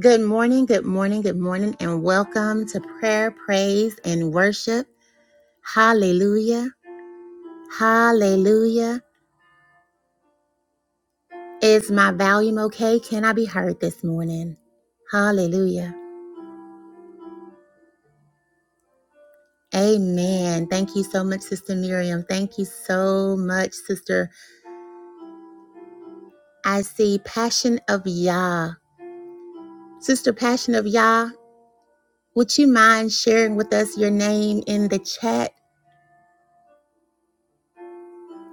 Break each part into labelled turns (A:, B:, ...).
A: Good morning, good morning, good morning, and welcome to prayer, praise, and worship. Hallelujah. Hallelujah. Is my volume okay? Can I be heard this morning? Hallelujah. Amen. Thank you so much, Sister Miriam. Thank you so much, Sister. I see Passion of Yah. Sister Passion of Yah, would you mind sharing with us your name in the chat?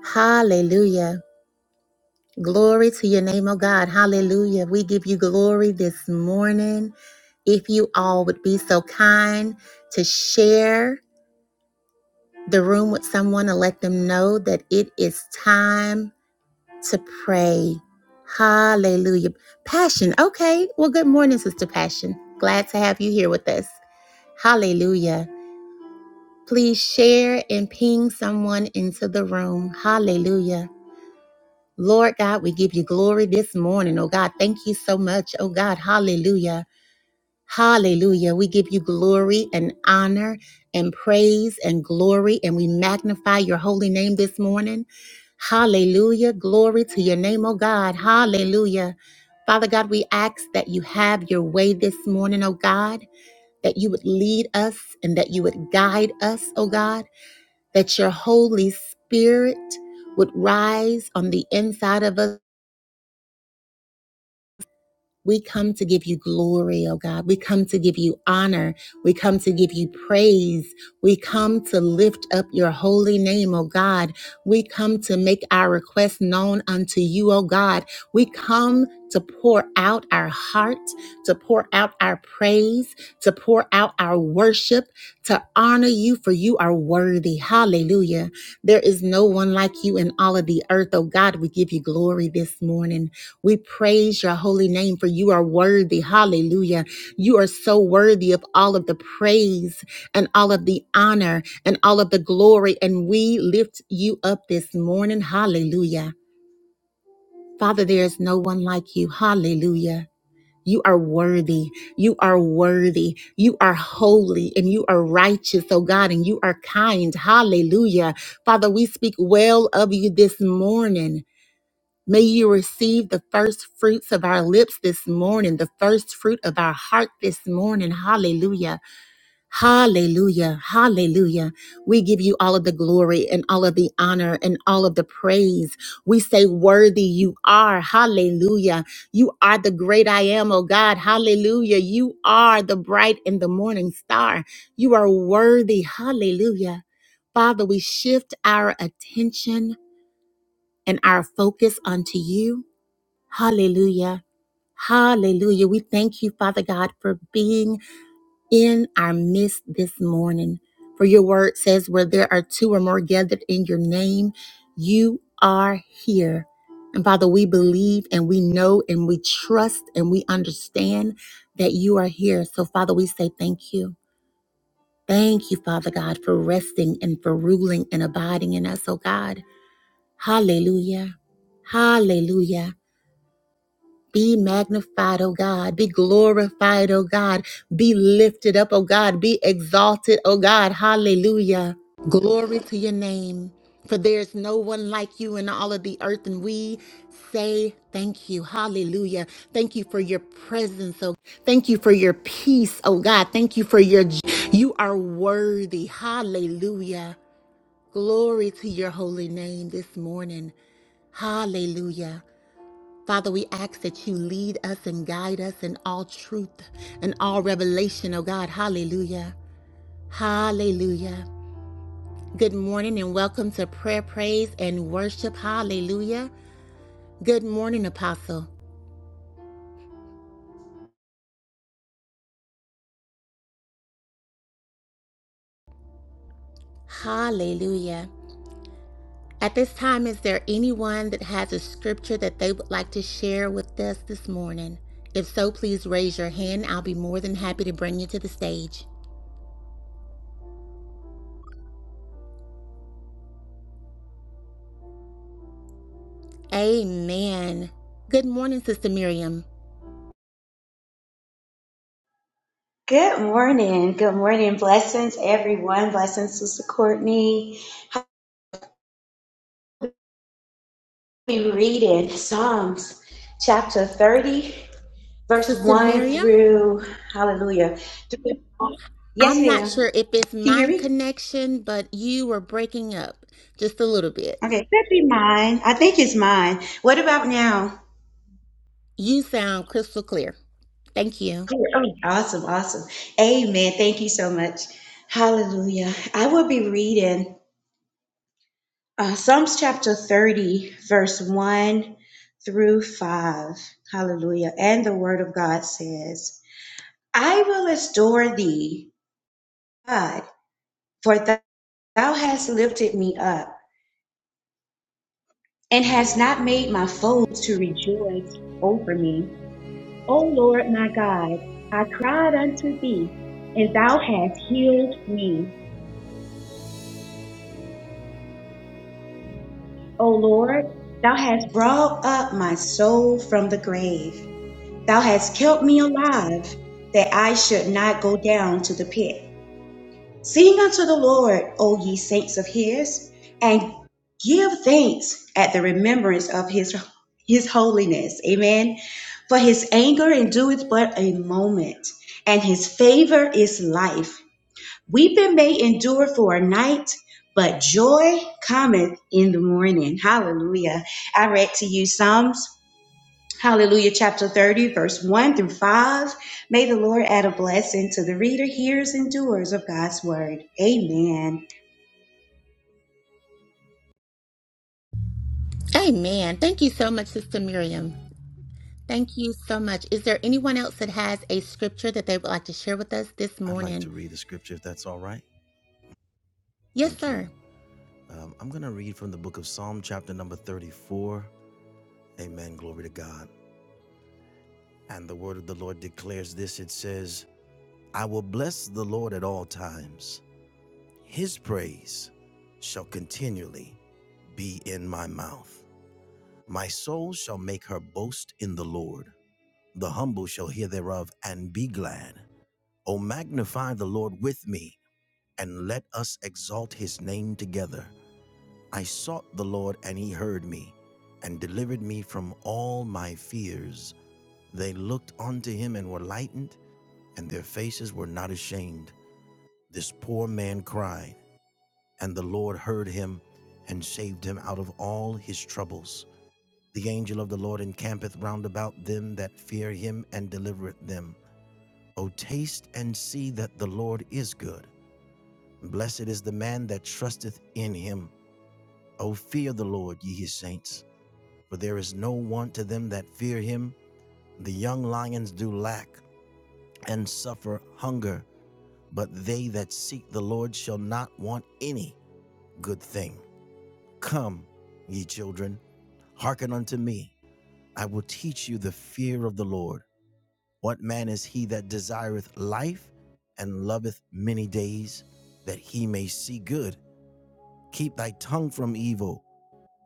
A: Hallelujah. Glory to your name, oh God. Hallelujah. We give you glory this morning. If you all would be so kind to share the room with someone and let them know that it is time to pray. Hallelujah. Passion. Okay. Well, good morning, Sister Passion. Glad to have you here with us. Hallelujah. Please share and ping someone into the room. Hallelujah. Lord God, we give you glory this morning. Oh God, thank you so much. Oh God, hallelujah. Hallelujah. We give you glory and honor and praise and glory, and we magnify your holy name this morning. Hallelujah. Glory to your name, oh God. Hallelujah. Father God, we ask that you have your way this morning, oh God, that you would lead us and that you would guide us, oh God, that your Holy Spirit would rise on the inside of us. We come to give you glory, oh God. We come to give you honor. We come to give you praise. We come to lift up your holy name, oh God. We come to make our requests known unto you, oh God. We come to pour out our heart, to pour out our praise, to pour out our worship, to honor you, for you are worthy. Hallelujah. There is no one like you in all of the earth, oh God. We give you glory this morning. We praise your holy name for you are worthy. Hallelujah. You are so worthy of all of the praise and all of the honor and all of the glory. And we lift you up this morning. Hallelujah. Father, there is no one like you. Hallelujah. You are worthy. You are worthy. You are holy and you are righteous, oh God, and you are kind. Hallelujah. Father, we speak well of you this morning. May you receive the first fruits of our lips this morning, the first fruit of our heart this morning. Hallelujah. Hallelujah. Hallelujah. We give you all of the glory and all of the honor and all of the praise. We say, Worthy you are. Hallelujah. You are the great I am, oh God. Hallelujah. You are the bright and the morning star. You are worthy. Hallelujah. Father, we shift our attention and our focus unto you. Hallelujah. Hallelujah. We thank you, Father God, for being in our midst this morning. For your word says, where there are two or more gathered in your name, you are here. And Father, we believe and we know and we trust and we understand that you are here. So, Father, we say thank you. Thank you, Father God, for resting and for ruling and abiding in us, oh God. Hallelujah. Hallelujah. Be magnified, O God. Be glorified, O God. Be lifted up, O God. Be exalted, O God. Hallelujah. Glory to your name. For there is no one like you in all of the earth, and we say thank you. Hallelujah. Thank you for your presence, oh thank you for your peace, oh God. Thank you for your j- you are worthy. Hallelujah. Glory to your holy name this morning. Hallelujah. Father, we ask that you lead us and guide us in all truth and all revelation, oh God. Hallelujah. Hallelujah. Good morning and welcome to prayer, praise, and worship. Hallelujah. Good morning, Apostle. Hallelujah. At this time, is there anyone that has a scripture that they would like to share with us this morning? If so, please raise your hand. I'll be more than happy to bring you to the stage. Amen. Good morning, Sister Miriam.
B: Good morning. Good morning. Blessings, everyone. Blessings, Sister Courtney. Happy reading Psalms chapter 30, verse
A: Sister
B: 1
A: Miriam?
B: through, hallelujah. Yes,
A: I'm not
B: ma'am. Can
A: sure if it's
B: you hear
A: my
B: me?
A: connection, but you were breaking up just a little bit.
B: Okay, could be mine. I think it's mine. What about now?
A: You sound crystal clear. Thank you.
B: Oh, awesome, awesome. Amen. Thank you so much. Hallelujah. I will be reading. Uh, Psalms chapter 30, verse 1 through 5. Hallelujah. And the word of God says, I will restore thee, God, for thou hast lifted me up and hast not made my foes to rejoice over me. O Lord my God, I cried unto thee, and thou hast healed me. O Lord, thou hast brought up my soul from the grave Thou hast kept me alive, that I should not go down to the pit. Sing unto the Lord, O ye saints of his, and give thanks at the remembrance of his, his holiness. Amen. For his anger endureth but a moment, and his favor is life. Weeping may endure for a night, but joy cometh in the morning. Hallelujah. I read to you Psalms Hallelujah, chapter 30, verse 1 through 5. May the Lord add a blessing to the reader, hearers, and doers of God's word. Amen.
A: Amen. Thank you so much, Sister Miriam. Thank you so much. Is there anyone else that has a scripture that they would like to share with us this
C: I'd like
A: morning?
C: to read the scripture if that's all right.
A: Yes,
C: Thank you.
A: sir.
C: Um, I'm going to read from the book of Psalm, chapter number 34. Amen. Glory to God. And the word of the Lord declares this it says, I will bless the Lord at all times, his praise shall continually be in my mouth. My soul shall make her boast in the Lord. The humble shall hear thereof and be glad. O magnify the Lord with me, and let us exalt his name together. I sought the Lord, and he heard me, and delivered me from all my fears. They looked unto him and were lightened, and their faces were not ashamed. This poor man cried, and the Lord heard him, and saved him out of all his troubles. The angel of the Lord encampeth round about them that fear him, and delivereth them. O taste and see that the Lord is good. Blessed is the man that trusteth in him. O fear the Lord, ye his saints for there is no want to them that fear him. The young lions do lack and suffer hunger, but they that seek the Lord shall not want any good thing. Come, ye children, hearken unto me. I will teach you the fear of the Lord. What man is he that desireth life and loveth many days, that he may see good? Keep thy tongue from evil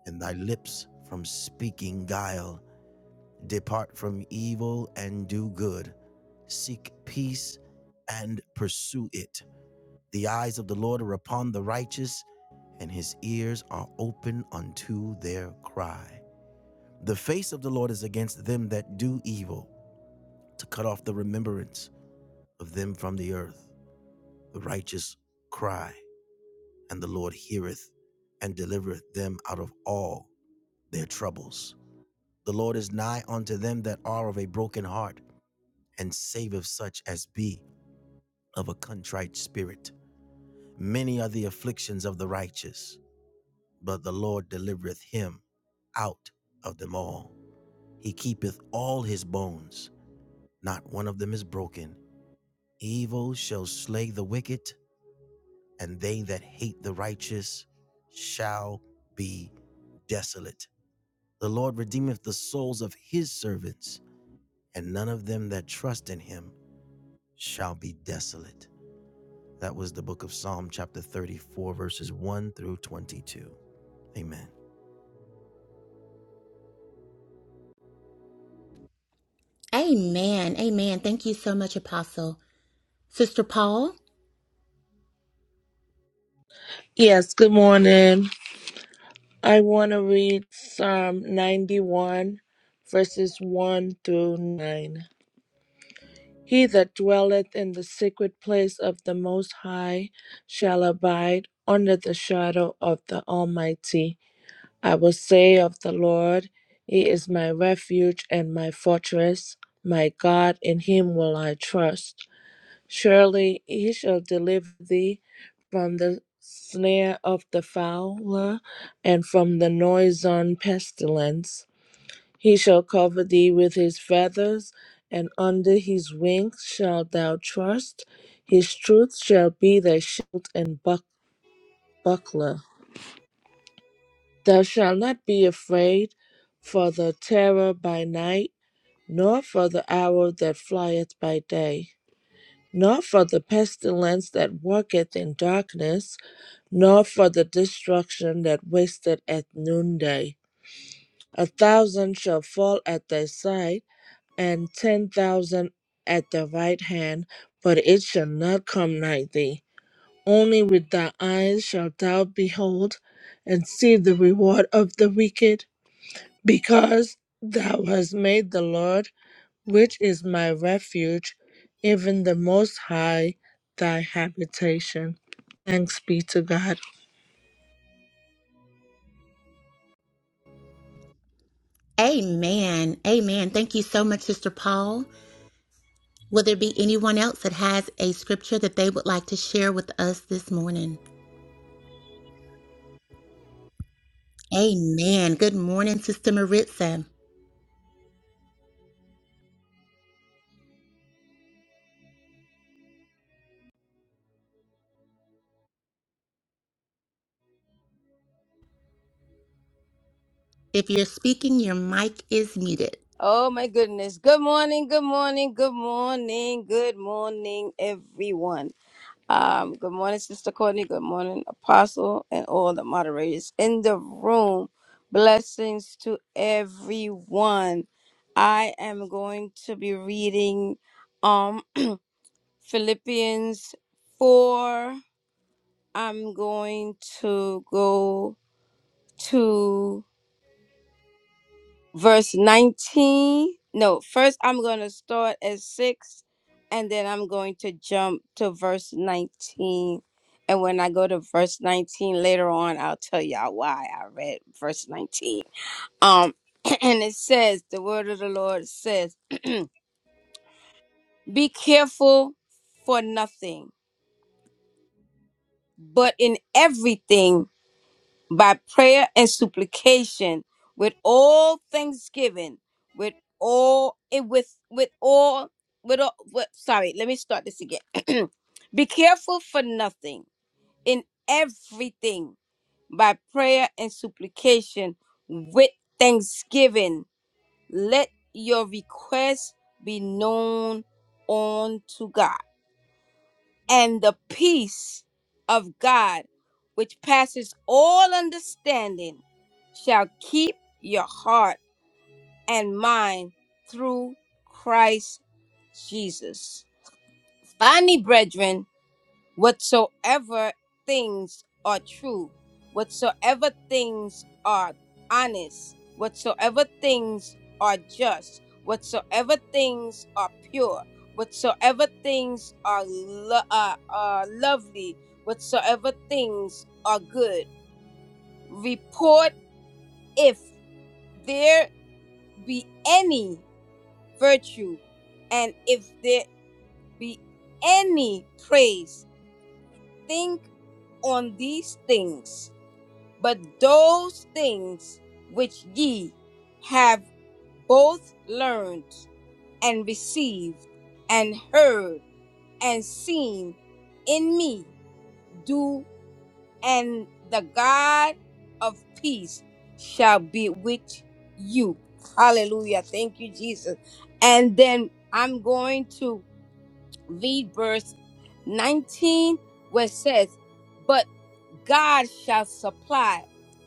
C: and thy lips from speaking guile. Depart from evil and do good. Seek peace and pursue it. The eyes of the Lord are upon the righteous, and his ears are open unto their cry. The face of the Lord is against them that do evil, to cut off the remembrance of them from the earth. The righteous cry, and the Lord heareth and delivereth them out of all their troubles. The Lord is nigh unto them that are of a broken heart and saveth such as be of a contrite spirit. Many are the afflictions of the righteous, but the Lord delivereth him out of them all. He keepeth all his bones, not one of them is broken. Evil shall slay the wicked, and they that hate the righteous shall be desolate. The Lord redeemeth the souls of his servants, and none of them that trust in him shall be desolate. That was the book of Psalm, chapter 34, verses 1 through 22. Amen.
A: Amen. Amen. Thank you so much, Apostle. Sister Paul?
D: Yes, good morning. I want to read Psalm 91, verses 1 through 9. He that dwelleth in the secret place of the Most High shall abide under the shadow of the Almighty. I will say of the Lord, He is my refuge and my fortress, my God, in Him will I trust. Surely he shall deliver thee from the snare of the fowler and from the noisome pestilence. He shall cover thee with his feathers, and under his wings shalt thou trust. His truth shall be thy shield and buck- buckler. Thou shalt not be afraid for the terror by night, nor for the arrow that flieth by day, nor for the pestilence that walketh in darkness nor for the destruction that wasted at noonday. A thousand shall fall at thy side, and ten thousand at thy right hand, but it shall not come nigh thee. Only with thy eyes shalt thou behold and see the reward of the wicked, because thou hast made the Lord, which is my refuge, even the Most High, thy habitation. Thanks be to God.
A: Amen. Amen. Thank you so much, Sister Paul. Will there be anyone else that has a scripture that they would like to share with us this morning? Amen. Good morning, Sister Maritza. If you're speaking, your mic is muted.
E: Oh my goodness. Good morning, good morning, good morning, good morning, everyone. Um, good morning, Sister Courtney. Good morning, Apostle, and all the moderators in the room. Blessings to everyone. I am going to be reading um Philippians 4. I'm going to go to verse 19 no first i'm going to start at 6 and then i'm going to jump to verse 19 and when i go to verse 19 later on i'll tell y'all why i read verse 19 um and it says the word of the lord says be careful for nothing but in everything by prayer and supplication with all thanksgiving with all it with with all with all with, sorry let me start this again be careful for nothing in everything by prayer and supplication with thanksgiving let your requests be known unto god and the peace of God, which passes all understanding, shall keep your heart and mind through Christ Jesus. Finally, brethren, whatsoever things are true, whatsoever things are honest, whatsoever things are just, whatsoever things are pure, whatsoever things are lo- uh, uh, lovely, whatsoever things are good. Report if there be any virtue, and if there be any praise, think on these things But those things which ye have both learned and received and heard and seen in me do and the god of peace shall be with you hallelujah thank you jesus and then i'm going to read verse 19 where it says but God shall supply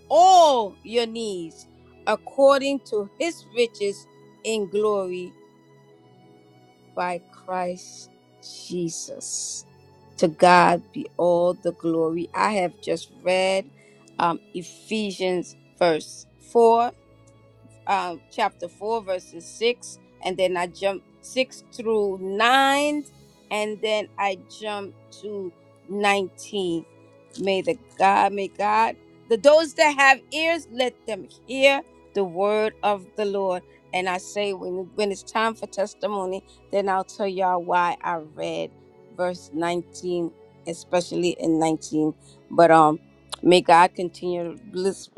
E: all your needs according to his riches in glory by Christ Jesus. To God be all the glory. I have just read um, Ephesians verse 4 um, chapter 4, verses 6, and then I jumped 6 through 9, and then I jumped to 19. May the God, may God, the those that have ears, let them hear the word of the Lord. And I say, when, when it's time for testimony, then I'll tell y'all why I read verse 19, especially in 19. But um, may God continue to bless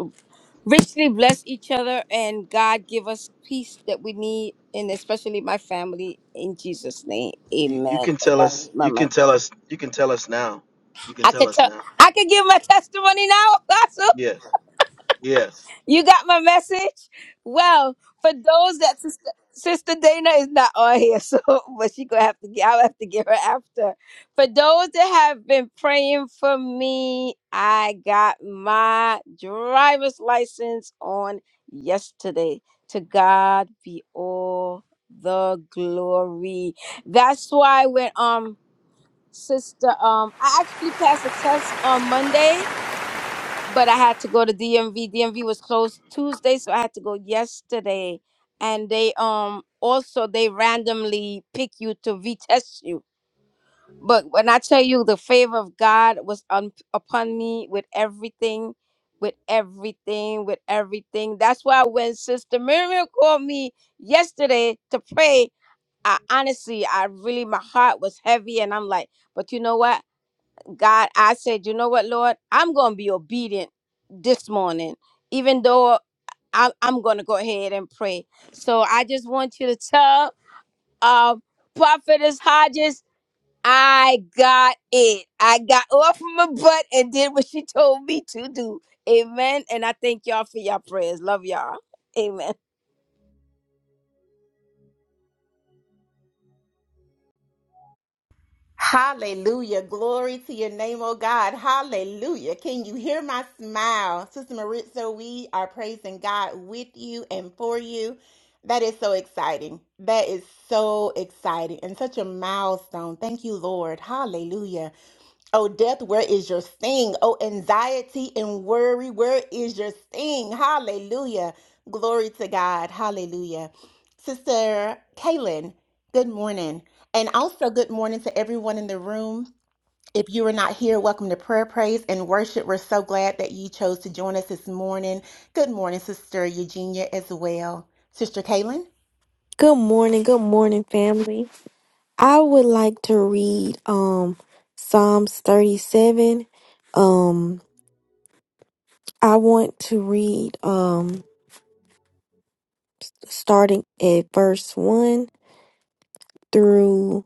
E: richly bless each other and God give us peace that we need and especially my family in Jesus name.
F: You, you
E: Amen.
F: can
E: And
F: tell
E: I,
F: us.
E: my,
F: You
E: my,
F: can
E: mic.
F: tell us. You can tell us now. You can
E: I
F: tell
E: could
F: us
E: tell
F: now.
E: I could give my testimony now, Apostle.
F: Yes. Yes.
E: You got my message? Well, for those that sister, sister Dana is not on here, so but she gonna have to get I'll have to get her after. For those that have been praying for me, I got my driver's license on yesterday. To God be all the glory. That's why when um sister um I actually passed a test on Monday but I had to go to DMV. DMV was closed Tuesday, so I had to go yesterday. And they um also they randomly pick you to retest you. But when I tell you the favor of God was on upon me with everything, with everything, with everything. That's why when Sister Miriam called me yesterday to pray, I honestly, I really my heart was heavy and I'm like, but you know what? God, I said, you know what, Lord, I'm going to be obedient this morning, even though I'm, I'm going to go ahead and pray. So I just want you to tell uh, Prophetess Hodges, I got it. I got off my butt and did what she told me to do. Amen. And I thank y'all for your prayers. Love y'all. Amen.
A: Hallelujah. Glory to your name, oh God. Hallelujah. Can you hear my smile? Sister Maritza, we are praising God with you and for you. That is so exciting. That is so exciting and such a milestone. Thank you, Lord. Hallelujah. Oh, death, where is your sting? Oh, anxiety and worry, where is your sting? Hallelujah. Glory to God. Hallelujah. Sister Kaylin, good morning. And also, good morning to everyone in the room. If you are not here, welcome to Prayer, Praise, and Worship. We're so glad that you chose to join us this morning. Good morning, Sister Eugenia, as well. Sister Kaylin?
G: Good morning, good morning, family. I would like to read um Psalms 37. Um I want to read um starting at verse 1 through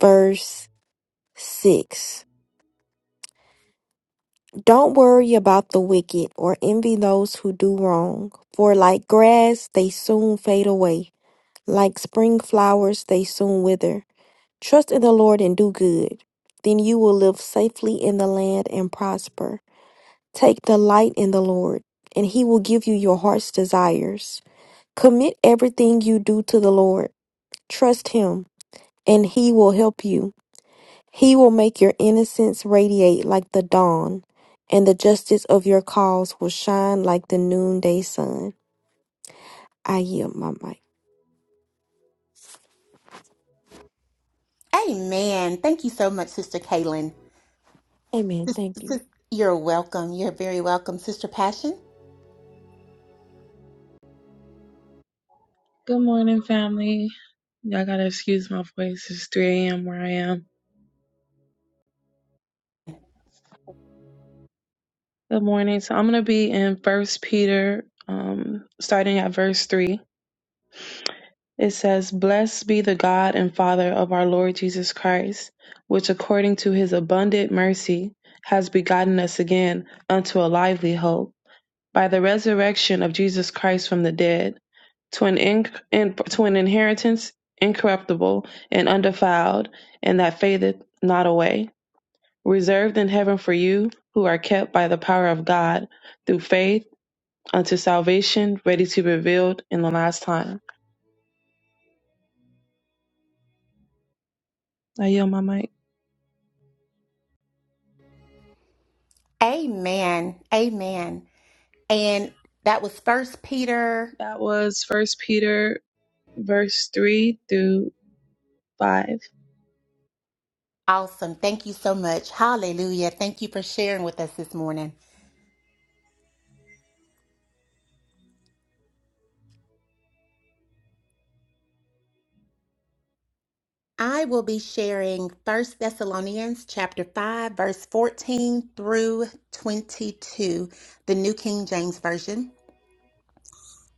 G: verse 6. Don't worry about the wicked or envy those who do wrong, for like grass they soon fade away, like spring flowers they soon wither. Trust in the Lord and do good. Then you will live safely in the land and prosper. Take delight in the Lord, and he will give you your heart's desires. Commit everything you do to the Lord. Trust him, and he will help you. He will make your innocence radiate like the dawn, and the justice of your cause will shine like the noonday sun. I yield my mic.
A: Amen. Thank you so much, Sister Kaylin.
G: Amen.
A: Sis-
G: Thank you.
A: sis- You're welcome. You're very welcome, Sister Passion.
H: Good morning, family. Y'all gotta excuse my voice. It's 3 a.m. where I am. Good morning. So I'm gonna be in First Peter, um, starting at verse three. It says, "Blessed be the God and Father of our Lord Jesus Christ, which according to His abundant mercy has begotten us again unto a lively hope by the resurrection of Jesus Christ from the dead." to an in, in, to an inheritance incorruptible and undefiled, and that fadeth not away, reserved in heaven for you who are kept by the power of God through faith unto salvation, ready to be revealed in the last time. I yield my mic.
A: Amen. Amen. And that was First Peter
H: That was First Peter, verse three through five.
A: Awesome. Thank you so much. Hallelujah. Thank you for sharing with us this morning. I will be sharing First Thessalonians chapter 5 verse 14 through 22, the New King James version.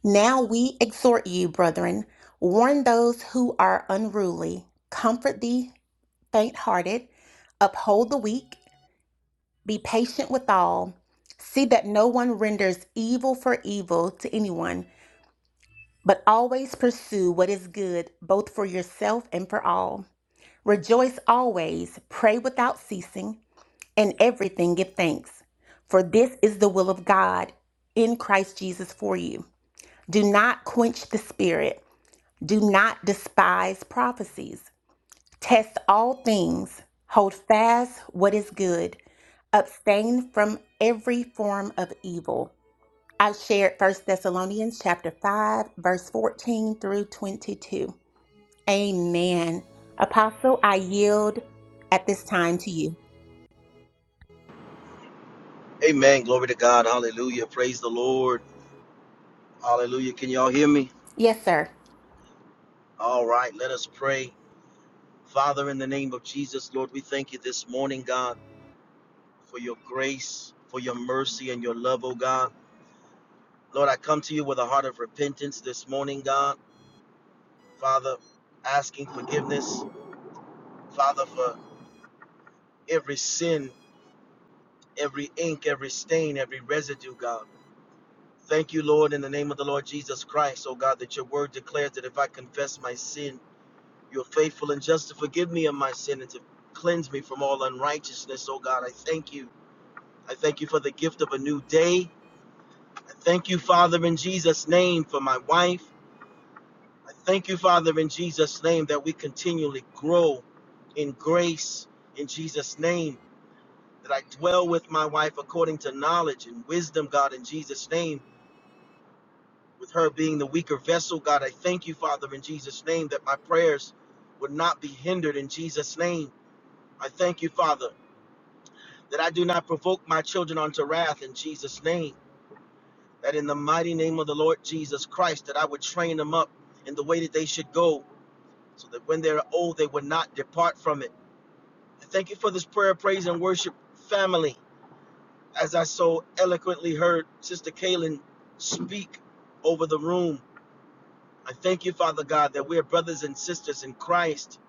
A: Now we exhort you, brethren, warn those who are unruly, comfort the faint-hearted, uphold the weak, be patient with all. See that no one renders evil for evil to anyone, but always pursue what is good, both for yourself and for all. Rejoice always, pray without ceasing, and everything give thanks. For this is the will of God in Christ Jesus for you. Do not quench the spirit, do not despise prophecies. Test all things, hold fast what is good, abstain from every form of evil. I shared First Thessalonians chapter 5 verse 14 through 22. Amen. Apostle, I yield at this time to you.
F: Amen. Glory to God. Hallelujah. Praise the Lord. Hallelujah. Can y'all hear me?
A: Yes, sir.
F: All right. Let us pray. Father, in the name of Jesus, Lord, we thank you this morning, God, for your grace, for your mercy, and your love, oh God. Lord, I come to you with a heart of repentance this morning, God. Father, asking forgiveness. Father, for every sin, every ink, every stain, every residue, God. Thank you, Lord, in the name of the Lord Jesus Christ, oh God, that your word declares that if I confess my sin, you're faithful and just to forgive me of my sin and to cleanse me from all unrighteousness, oh God. I thank you. I thank you for the gift of a new day. I thank you, Father, in Jesus' name, for my wife. I thank you, Father, in Jesus' name, that we continually grow in grace in Jesus' name, that I dwell with my wife according to knowledge and wisdom, God, in Jesus' name with her being the weaker vessel, God, I thank you, Father, in Jesus' name, that my prayers would not be hindered in Jesus' name. I thank you, Father, that I do not provoke my children unto wrath in Jesus' name. That in the mighty name of the Lord Jesus Christ, that I would train them up in the way that they should go, so that when they're old, they would not depart from it. I thank you for this prayer, praise, and worship family, as I so eloquently heard Sister Kaylin speak over the room. I thank you, Father God, that we are brothers and sisters in Christ.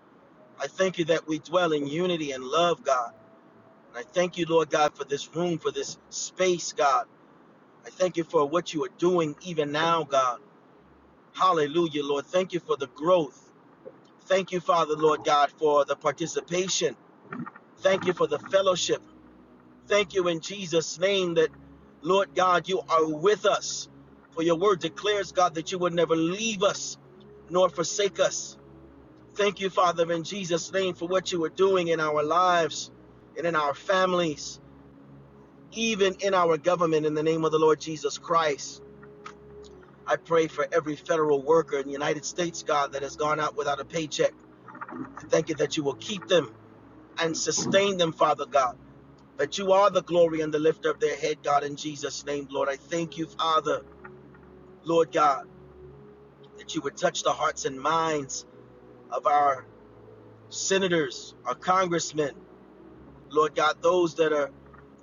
F: I thank you that we dwell in unity and love, God. And I thank you, Lord God, for this room, for this space, God. I thank you for what you are doing even now, God. Hallelujah, Lord. Thank you for the growth. Thank you, Father, Lord God, for the participation. Thank you for the fellowship. Thank you in Jesus' name that, Lord God, you are with us. For your word declares, God, that you would never leave us nor forsake us. Thank you, Father, in Jesus' name for what you are doing in our lives and in our families, even in our government, in the name of the Lord Jesus Christ. I pray for every federal worker in the United States, God, that has gone out without a paycheck. I thank you that you will keep them and sustain them, Father God, that you are the glory and the lifter of their head, God, in Jesus' name, Lord. I thank you, Father, Lord God, that you would touch the hearts and minds of our senators, our congressmen, Lord God, those that are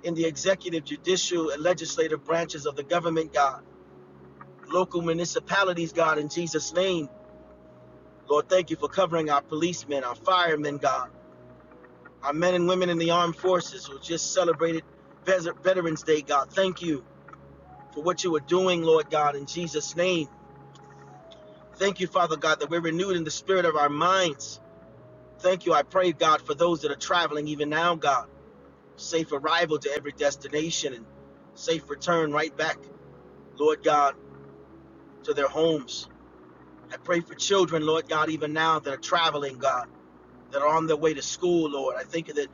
F: in the executive, judicial, and legislative branches of the government, God, local municipalities, God, in Jesus' name. Lord, thank you for covering our policemen, our firemen, God, our men and women in the armed forces who just celebrated Veterans Day, God. Thank you for what you are doing, Lord God, in Jesus' name. Thank you, Father God, that we're renewed in the spirit of our minds. Thank you, I pray, God, for those that are traveling even now, God. Safe arrival to every destination and safe return right back, Lord God, to their homes. I pray for children, Lord God, even now that are traveling, God, that are on their way to school, Lord. I think that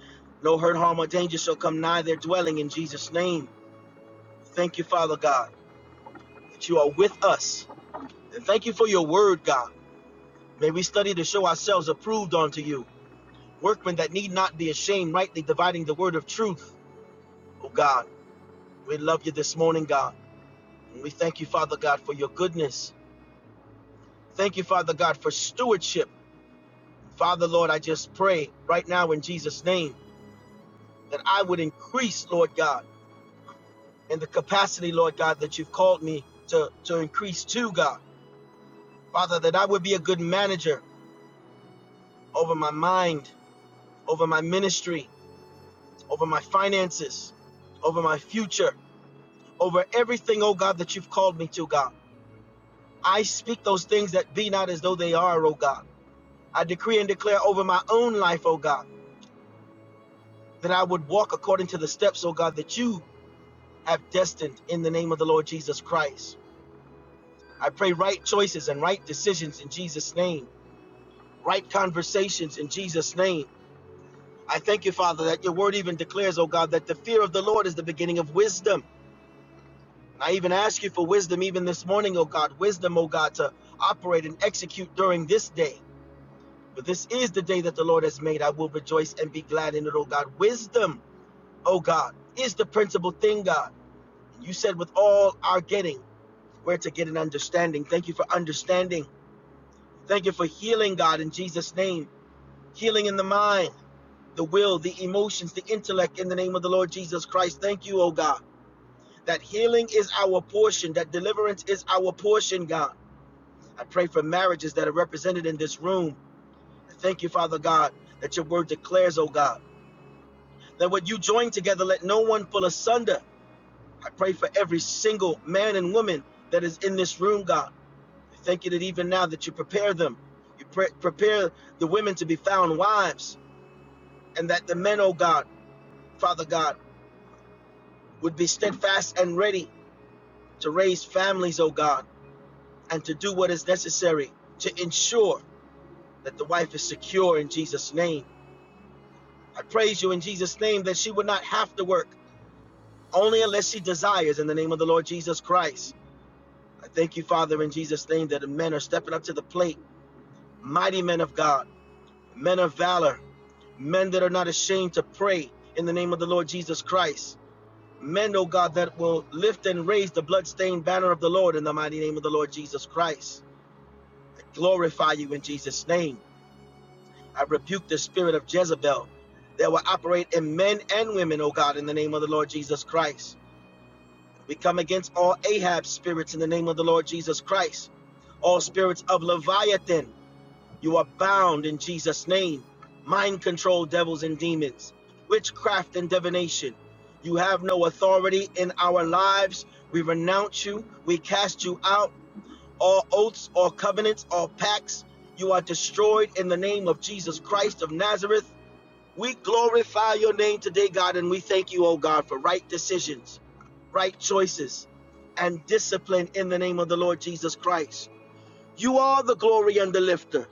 F: no hurt, harm, or danger shall come nigh their dwelling in Jesus' name. Thank you, Father God, that you are with us. And thank you for your word, God. May we study to show ourselves approved unto you, workmen that need not be ashamed, rightly dividing the word of truth. Oh, God, we love you this morning, God. And we thank you, Father God, for your goodness. Thank you, Father God, for stewardship. Father, Lord, I just pray right now in Jesus' name that I would increase, Lord God, in the capacity, Lord God, that you've called me to, to increase to, God. Father, that I would be a good manager over my mind, over my ministry, over my finances, over my future, over everything, oh God, that you've called me to, God. I speak those things that be not as though they are, oh God. I decree and declare over my own life, oh God, that I would walk according to the steps, oh God, that you have destined in the name of the Lord Jesus Christ. I pray right choices and right decisions in Jesus' name, right conversations in Jesus' name. I thank you, Father, that your word even declares, oh God, that the fear of the Lord is the beginning of wisdom. And I even ask you for wisdom even this morning, oh God, wisdom, oh God, to operate and execute during this day. For this is the day that the Lord has made. I will rejoice and be glad in it, oh God. Wisdom, oh God, is the principal thing, God. You said, with all our getting, we're to get an understanding. Thank you for understanding. Thank you for healing, God, in Jesus' name. healing in the mind, the will, the emotions, the intellect in the name of the Lord Jesus Christ. Thank you, oh God, that healing is our portion, that deliverance is our portion, God. I pray for marriages that are represented in this room. I Thank you, Father God, that your word declares, oh God, that what you join together, let no one pull asunder. I pray for every single man and woman that is in this room, God. I Thank you that even now that you prepare them, you pre- prepare the women to be found wives, and that the men, oh God, Father God. would be steadfast and ready to raise families, O God, and to do what is necessary to ensure that the wife is secure in Jesus' name. I praise you in Jesus' name that she would not have to work, only unless she desires in the name of the Lord Jesus Christ. I thank you, Father, in Jesus' name that the men are stepping up to the plate, mighty men of God, men of valor, men that are not ashamed to pray in the name of the Lord Jesus Christ. Men, O God, that will lift and raise the bloodstained banner of the Lord in the mighty name of the Lord Jesus Christ. glorify you in Jesus' name. I rebuke the spirit of Jezebel that will operate in men and women, oh God, in the name of the Lord Jesus Christ. We come against all Ahab spirits in the name of the Lord Jesus Christ. All spirits of Leviathan, you are bound in Jesus' name. Mind control devils and demons, witchcraft and divination. You have no authority in our lives. We renounce you. We cast you out all oaths, all covenants, all pacts. You are destroyed in the name of Jesus Christ of Nazareth. We glorify your name today, God, and we thank you, oh God, for right decisions, right choices, and discipline in the name of the Lord Jesus Christ. You are the glory and the lifter.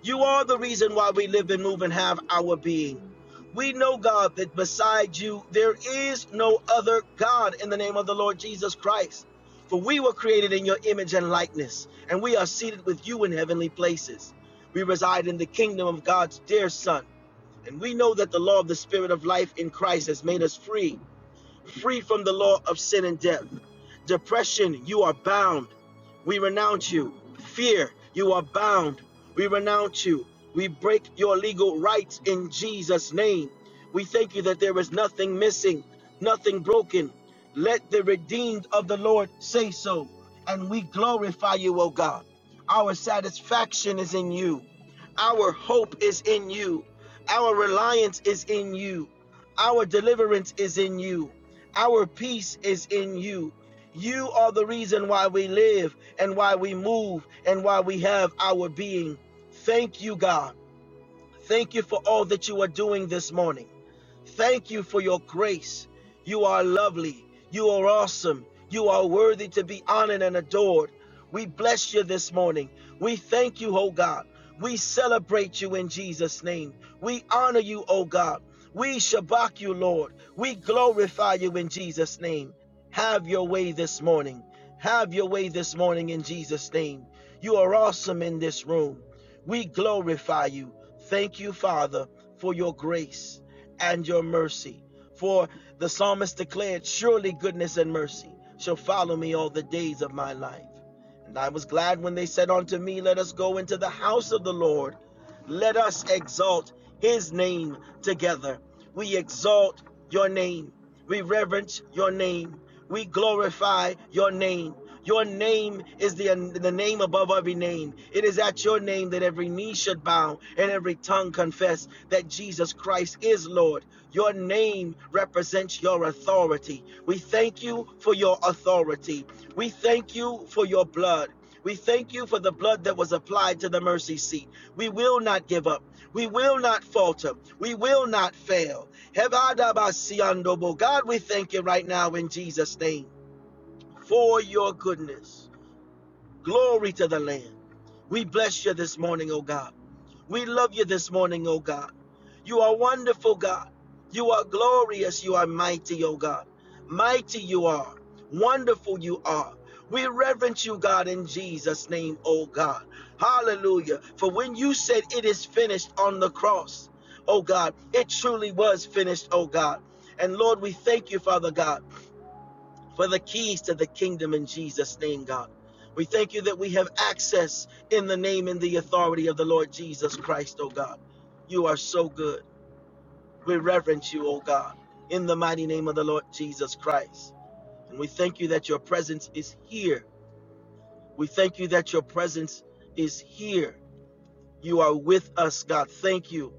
F: You are the reason why we live and move and have our being. We know, God, that beside you there is no other God in the name of the Lord Jesus Christ. For we were created in your image and likeness, and we are seated with you in heavenly places. We reside in the kingdom of God's dear Son, and we know that the law of the Spirit of life in Christ has made us free free from the law of sin and death. Depression, you are bound. We renounce you. Fear, you are bound. We renounce you. We break your legal rights in Jesus' name. We thank you that there is nothing missing, nothing broken. Let the redeemed of the Lord say so. And we glorify you, O God. Our satisfaction is in you. Our hope is in you. Our reliance is in you. Our deliverance is in you. Our peace is in you. You are the reason why we live and why we move and why we have our being. Thank you, God. Thank you for all that you are doing this morning. Thank you for your grace. You are lovely. You are awesome. You are worthy to be honored and adored. We bless you this morning. We thank you, oh God. We celebrate you in Jesus' name. We honor you, oh God. We shabak you, Lord. We glorify you in Jesus' name. Have your way this morning. Have your way this morning in Jesus' name. You are awesome in this room. We glorify you. Thank you, Father, for your grace and your mercy. For the psalmist declared, Surely goodness and mercy shall follow me all the days of my life. And I was glad when they said unto me, Let us go into the house of the Lord. Let us exalt his name together. We exalt your name. We reverence your name. We glorify your name. Your name is the, the name above every name. It is at your name that every knee should bow and every tongue confess that Jesus Christ is Lord. Your name represents your authority. We thank you for your authority. We thank you for your blood. We thank you for the blood that was applied to the mercy seat. We will not give up. We will not falter. We will not fail. Hebadabasiandobo. God, we thank you right now in Jesus' name for your goodness. Glory to the Lamb. We bless you this morning, oh God. We love you this morning, oh God. You are wonderful, God. You are glorious. You are mighty, oh God. Mighty you are. Wonderful you are. We reverence you, God, in Jesus' name, oh God. Hallelujah. For when you said it is finished on the cross, oh God, it truly was finished, oh God. And Lord, we thank you, Father God for the keys to the kingdom in Jesus' name, God. We thank you that we have access in the name and the authority of the Lord Jesus Christ, oh God. You are so good. We reverence you, oh God, in the mighty name of the Lord Jesus Christ. And we thank you that your presence is here. We thank you that your presence is here. You are with us, God. Thank you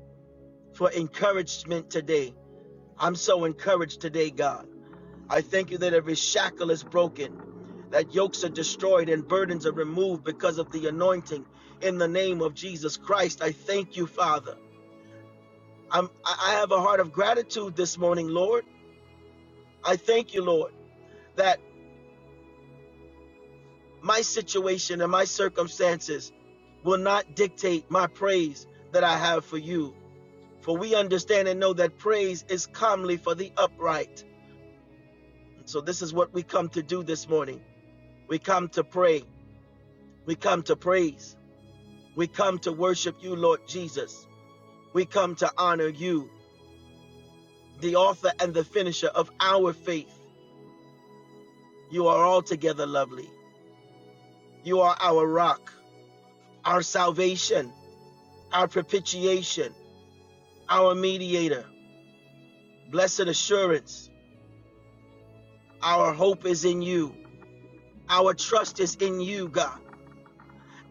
F: for encouragement today. I'm so encouraged today, God. I thank you that every shackle is broken, that yokes are destroyed and burdens are removed because of the anointing in the name of Jesus Christ. I thank you, Father. I'm, I have a heart of gratitude this morning, Lord. I thank you, Lord, that my situation and my circumstances will not dictate my praise that I have for you. For we understand and know that praise is comely for the upright. So, this is what we come to do this morning. We come to pray. We come to praise. We come to worship you, Lord Jesus. We come to honor you, the author and the finisher of our faith. You are altogether lovely. You are our rock, our salvation, our propitiation, our mediator, blessed assurance. Our hope is in you. Our trust is in you, God.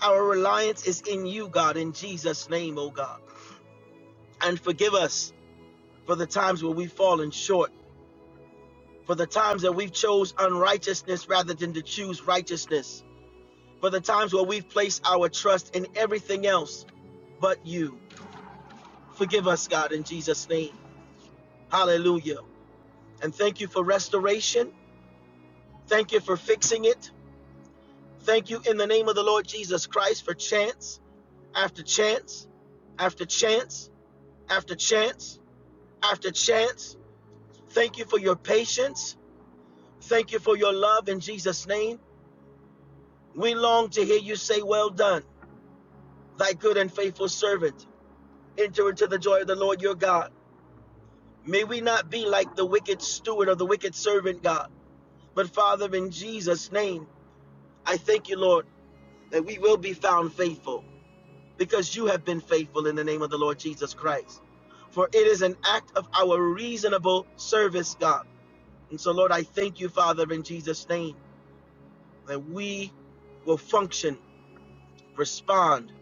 F: Our reliance is in you, God, in Jesus' name, O God. And forgive us for the times where we've fallen short for the times that we've chose unrighteousness rather than to choose righteousness, for the times where we've placed our trust in everything else but you. Forgive us, God, in Jesus' name. Hallelujah. And thank you for restoration. Thank you for fixing it. Thank you in the name of the Lord Jesus Christ for chance after chance after chance after chance after chance. Thank you for your patience. Thank you for your love in Jesus' name. We long to hear you say, Well done thy good and faithful servant. Enter into the joy of the Lord your God. May we not be like the wicked steward or the wicked servant, God. But Father, in Jesus' name, I thank you, Lord, that we will be found faithful because you have been faithful in the name of the Lord Jesus Christ. For it is an act of our reasonable service, God. And so, Lord, I thank you, Father, in Jesus' name, that we will function, respond,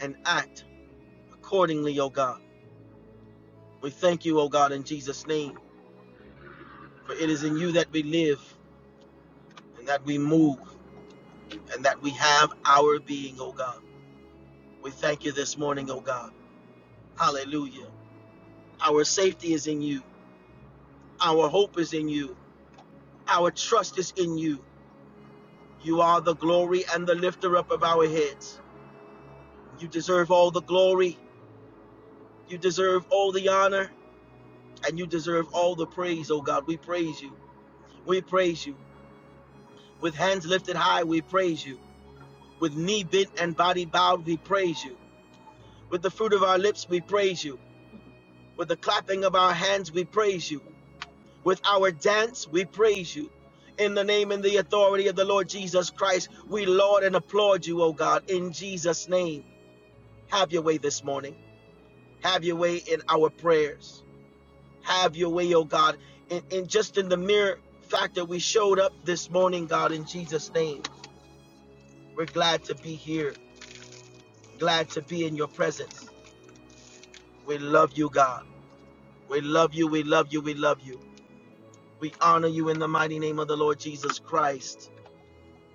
F: and act accordingly, O God. We thank you, O God, in Jesus' name. For it is in you that we live and that we move and that we have our being, O God. We thank you this morning, O God. Hallelujah. Our safety is in you. Our hope is in you. Our trust is in you. You are the glory and the lifter up of our heads. You deserve all the glory. You deserve all the honor. And you deserve all the praise, O God. We praise you. We praise you. With hands lifted high, we praise you. With knee bent and body bowed, we praise you. With the fruit of our lips, we praise you. With the clapping of our hands, we praise you. With our dance, we praise you. In the name and the authority of the Lord Jesus Christ, we laud and applaud you, O God, in Jesus' name. Have your way this morning. Have your way in our prayers. Have your way, O God, and in, in just in the mere fact that we showed up this morning, God, in Jesus' name. We're glad to be here, glad to be in your presence. We love you, God. We love you, we love you, we love you. We honor you in the mighty name of the Lord Jesus Christ.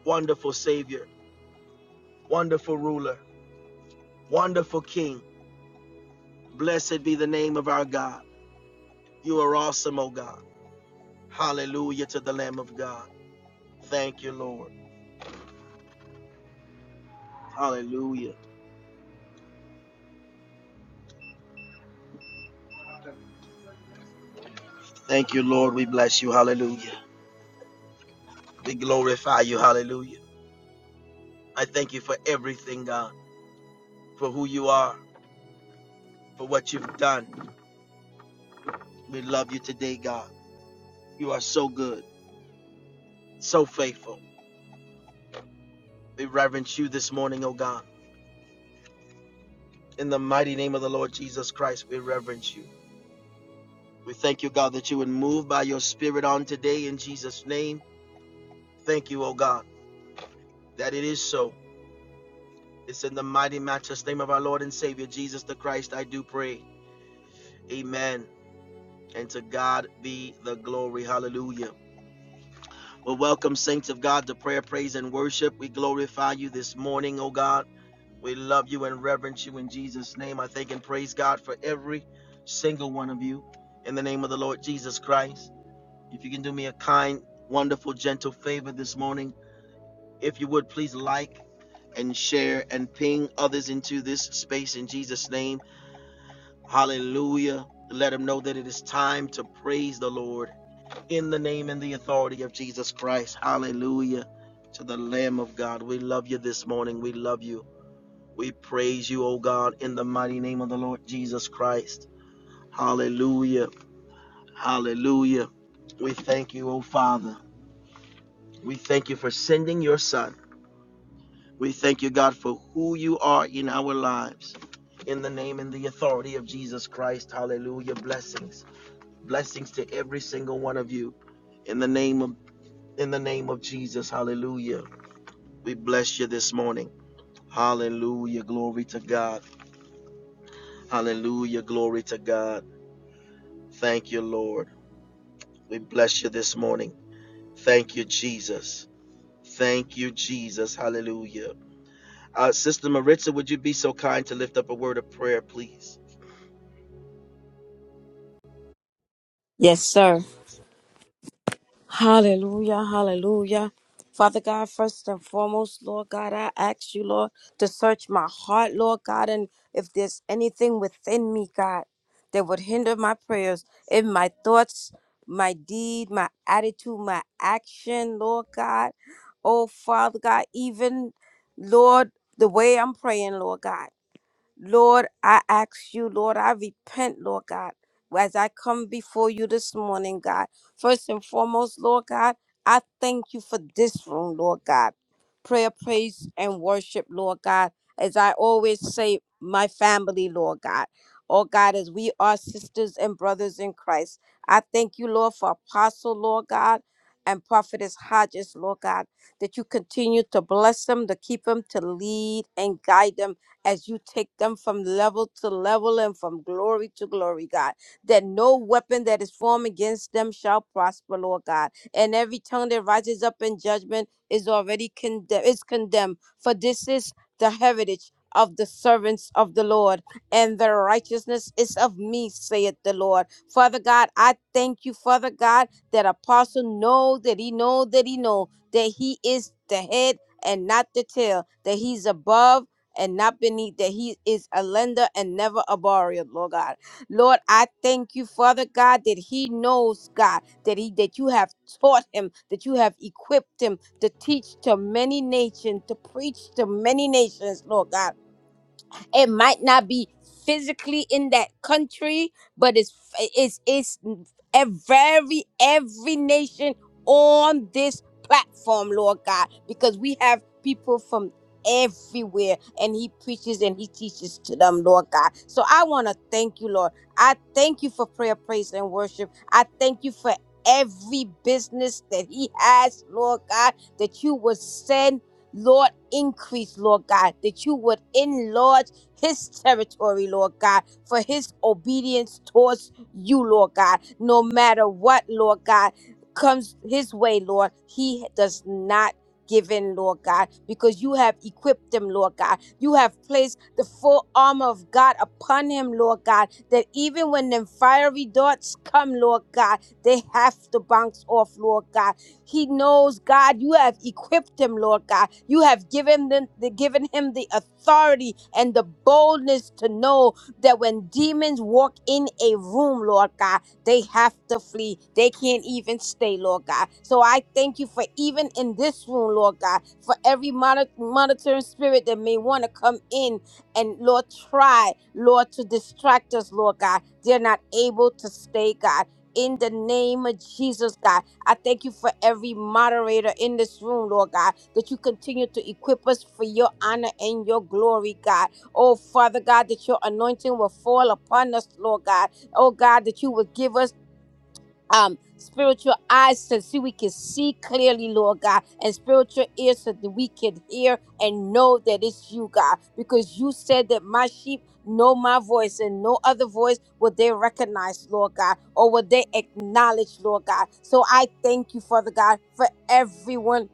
F: Wonderful Savior, wonderful ruler, wonderful King. Blessed be the name of our God. You are awesome, O God. Hallelujah to the Lamb of God. Thank you, Lord. Hallelujah. Thank you, Lord. We bless you. Hallelujah. We glorify you. Hallelujah. I thank you for everything, God, for who you are, for what you've done. We love you today, God. You are so good, so faithful. We reverence you this morning, O God. In the mighty name of the Lord Jesus Christ, we reverence you. We thank you, God, that you would move by your spirit on today in Jesus' name. Thank you, O God, that it is so. It's in the mighty matchless name of our Lord and Savior, Jesus the Christ, I do pray. Amen. And to God be the glory. Hallelujah. Well, welcome, saints of God, to prayer, praise, and worship. We glorify you this morning, O God. We love you and reverence you in Jesus' name. I thank and praise God for every single one of you in the name of the Lord Jesus Christ. If you can do me a kind, wonderful, gentle favor this morning, if you would please like and share and ping others into this space in Jesus' name. Hallelujah. Let them know that it is time to praise the Lord in the name and the authority of Jesus Christ. Hallelujah to the Lamb of God. We love you this morning. We love you. We praise you, O God, in the mighty name of the Lord Jesus Christ. Hallelujah. Hallelujah. We thank you, O Father. We thank you for sending your son. We thank you, God, for who you are in our lives. In the name and the authority of Jesus Christ, hallelujah. Blessings. Blessings to every single one of you. In the name of in the name of Jesus, hallelujah. We bless you this morning. Hallelujah. Glory to God. Hallelujah. Glory to God. Thank you, Lord. We bless you this morning. Thank you, Jesus. Thank you, Jesus. Hallelujah. Uh, Sister Maritza, would you be so kind to lift up a word of prayer, please?
E: Yes, sir. Hallelujah, hallelujah. Father God, first and foremost, Lord God, I ask you, Lord, to search my heart, Lord God, and if there's anything within me, God, that would hinder my prayers, in my thoughts, my deed, my attitude, my action, Lord God. Oh, Father God, even, Lord, the way I'm praying, Lord God. Lord, I ask you, Lord, I repent, Lord God, as I come before you this morning, God. First and foremost, Lord God, I thank you for this room, Lord God. Prayer, praise, and worship, Lord God. As I always say, my family, Lord God. Oh God, as we are sisters and brothers in Christ, I thank you, Lord, for Apostle, Lord God, and Prophetess Hodges, Lord God, that you continue to bless them, to keep them, to lead and guide them as you take them from level to level and from glory to glory, God. That no weapon that is formed against them shall prosper, Lord God. And every tongue that rises up in judgment is already condemned, is condemned. For this is the heritage of the servants of the Lord, and their righteousness is of me, saith the Lord. Father God, I thank you, Father God, that apostle know that he know that he know that he is the head and not the tail, that he's above and not beneath that he is a lender and never a borrower lord god lord i thank you father god that he knows god that he that you have taught him that you have equipped him to teach to many nations to preach to many nations lord god it might not be physically in that country, but it's it's it's every every nation on this platform, Lord God, because we have people from everywhere and he preaches and he teaches to them, Lord God. So I want to thank you, Lord. I thank you for prayer, praise, and worship. I thank you for every business that he has, Lord God, that you will send. Lord, increase, Lord God, that you would enlarge his territory, Lord God, for his obedience towards you, Lord God. No matter what, Lord God, comes his way, Lord, he does not give in, Lord God, because you have equipped him, Lord God. You have placed the full armor of God upon him, Lord God, that even when them fiery darts come, Lord God, they have to bounce off, Lord God he knows, God, you have equipped him, Lord God. You have given them the given him the authority and the boldness to know that when demons walk in a room, Lord God, they have to flee. They can't even stay, Lord God. So I thank you for even in this room, Lord God, for every moni- monitoring spirit that may want to come in and, Lord, try, Lord, to distract us, Lord God. They're not able to stay, God. In the name of Jesus, God. I thank you for every moderator in this room, Lord God, that you continue to equip us for your honor and your glory, God. Oh, Father God, that your anointing will fall upon us, Lord God. Oh, God, that you will give us um, spiritual eyes to see we can see clearly, Lord God, and spiritual ears so that we can hear and know that it's you, God, because you said that my sheep know my voice and no other voice will they recognize, Lord God, or will they acknowledge, Lord God. So I thank you, Father God, for everyone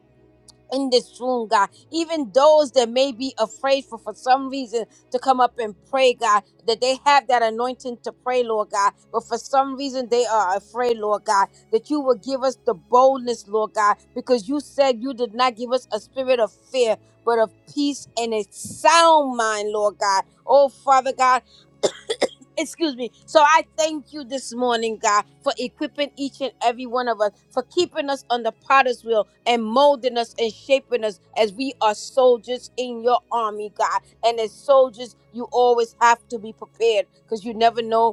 E: in this room, God. Even those that may be afraid for, for some reason to come up and pray, God, that they have that anointing to pray, Lord God, but for some reason they are afraid, Lord God, that you will give us the boldness, Lord God, because you said you did not give us a spirit of fear, but of peace and a sound mind, Lord God. Oh, Father God excuse me. So I thank you this morning, God, for equipping each and every one of us, for keeping us on the potter's wheel and molding us and shaping us as we are soldiers in your army, God. And as soldiers, you always have to be prepared because you never know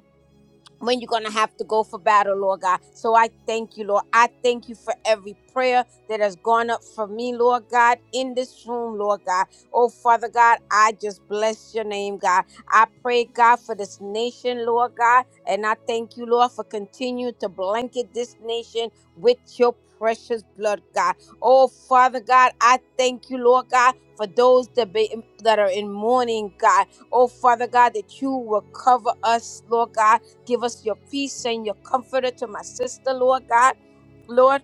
E: when you're going to have to go for battle, Lord God. So I thank you, Lord. I thank you for every prayer that has gone up for me, Lord God, in this room, Lord God. Oh, Father God, I just bless your name, God. I pray, God, for this nation, Lord God. And I thank you, Lord, for continuing to blanket this nation with your precious blood, God. Oh, Father God, I thank you, Lord God, for those that, be, that are in mourning, God. Oh, Father God, that you will cover us, Lord God Give us your peace and your comforter to my sister, Lord God. Lord,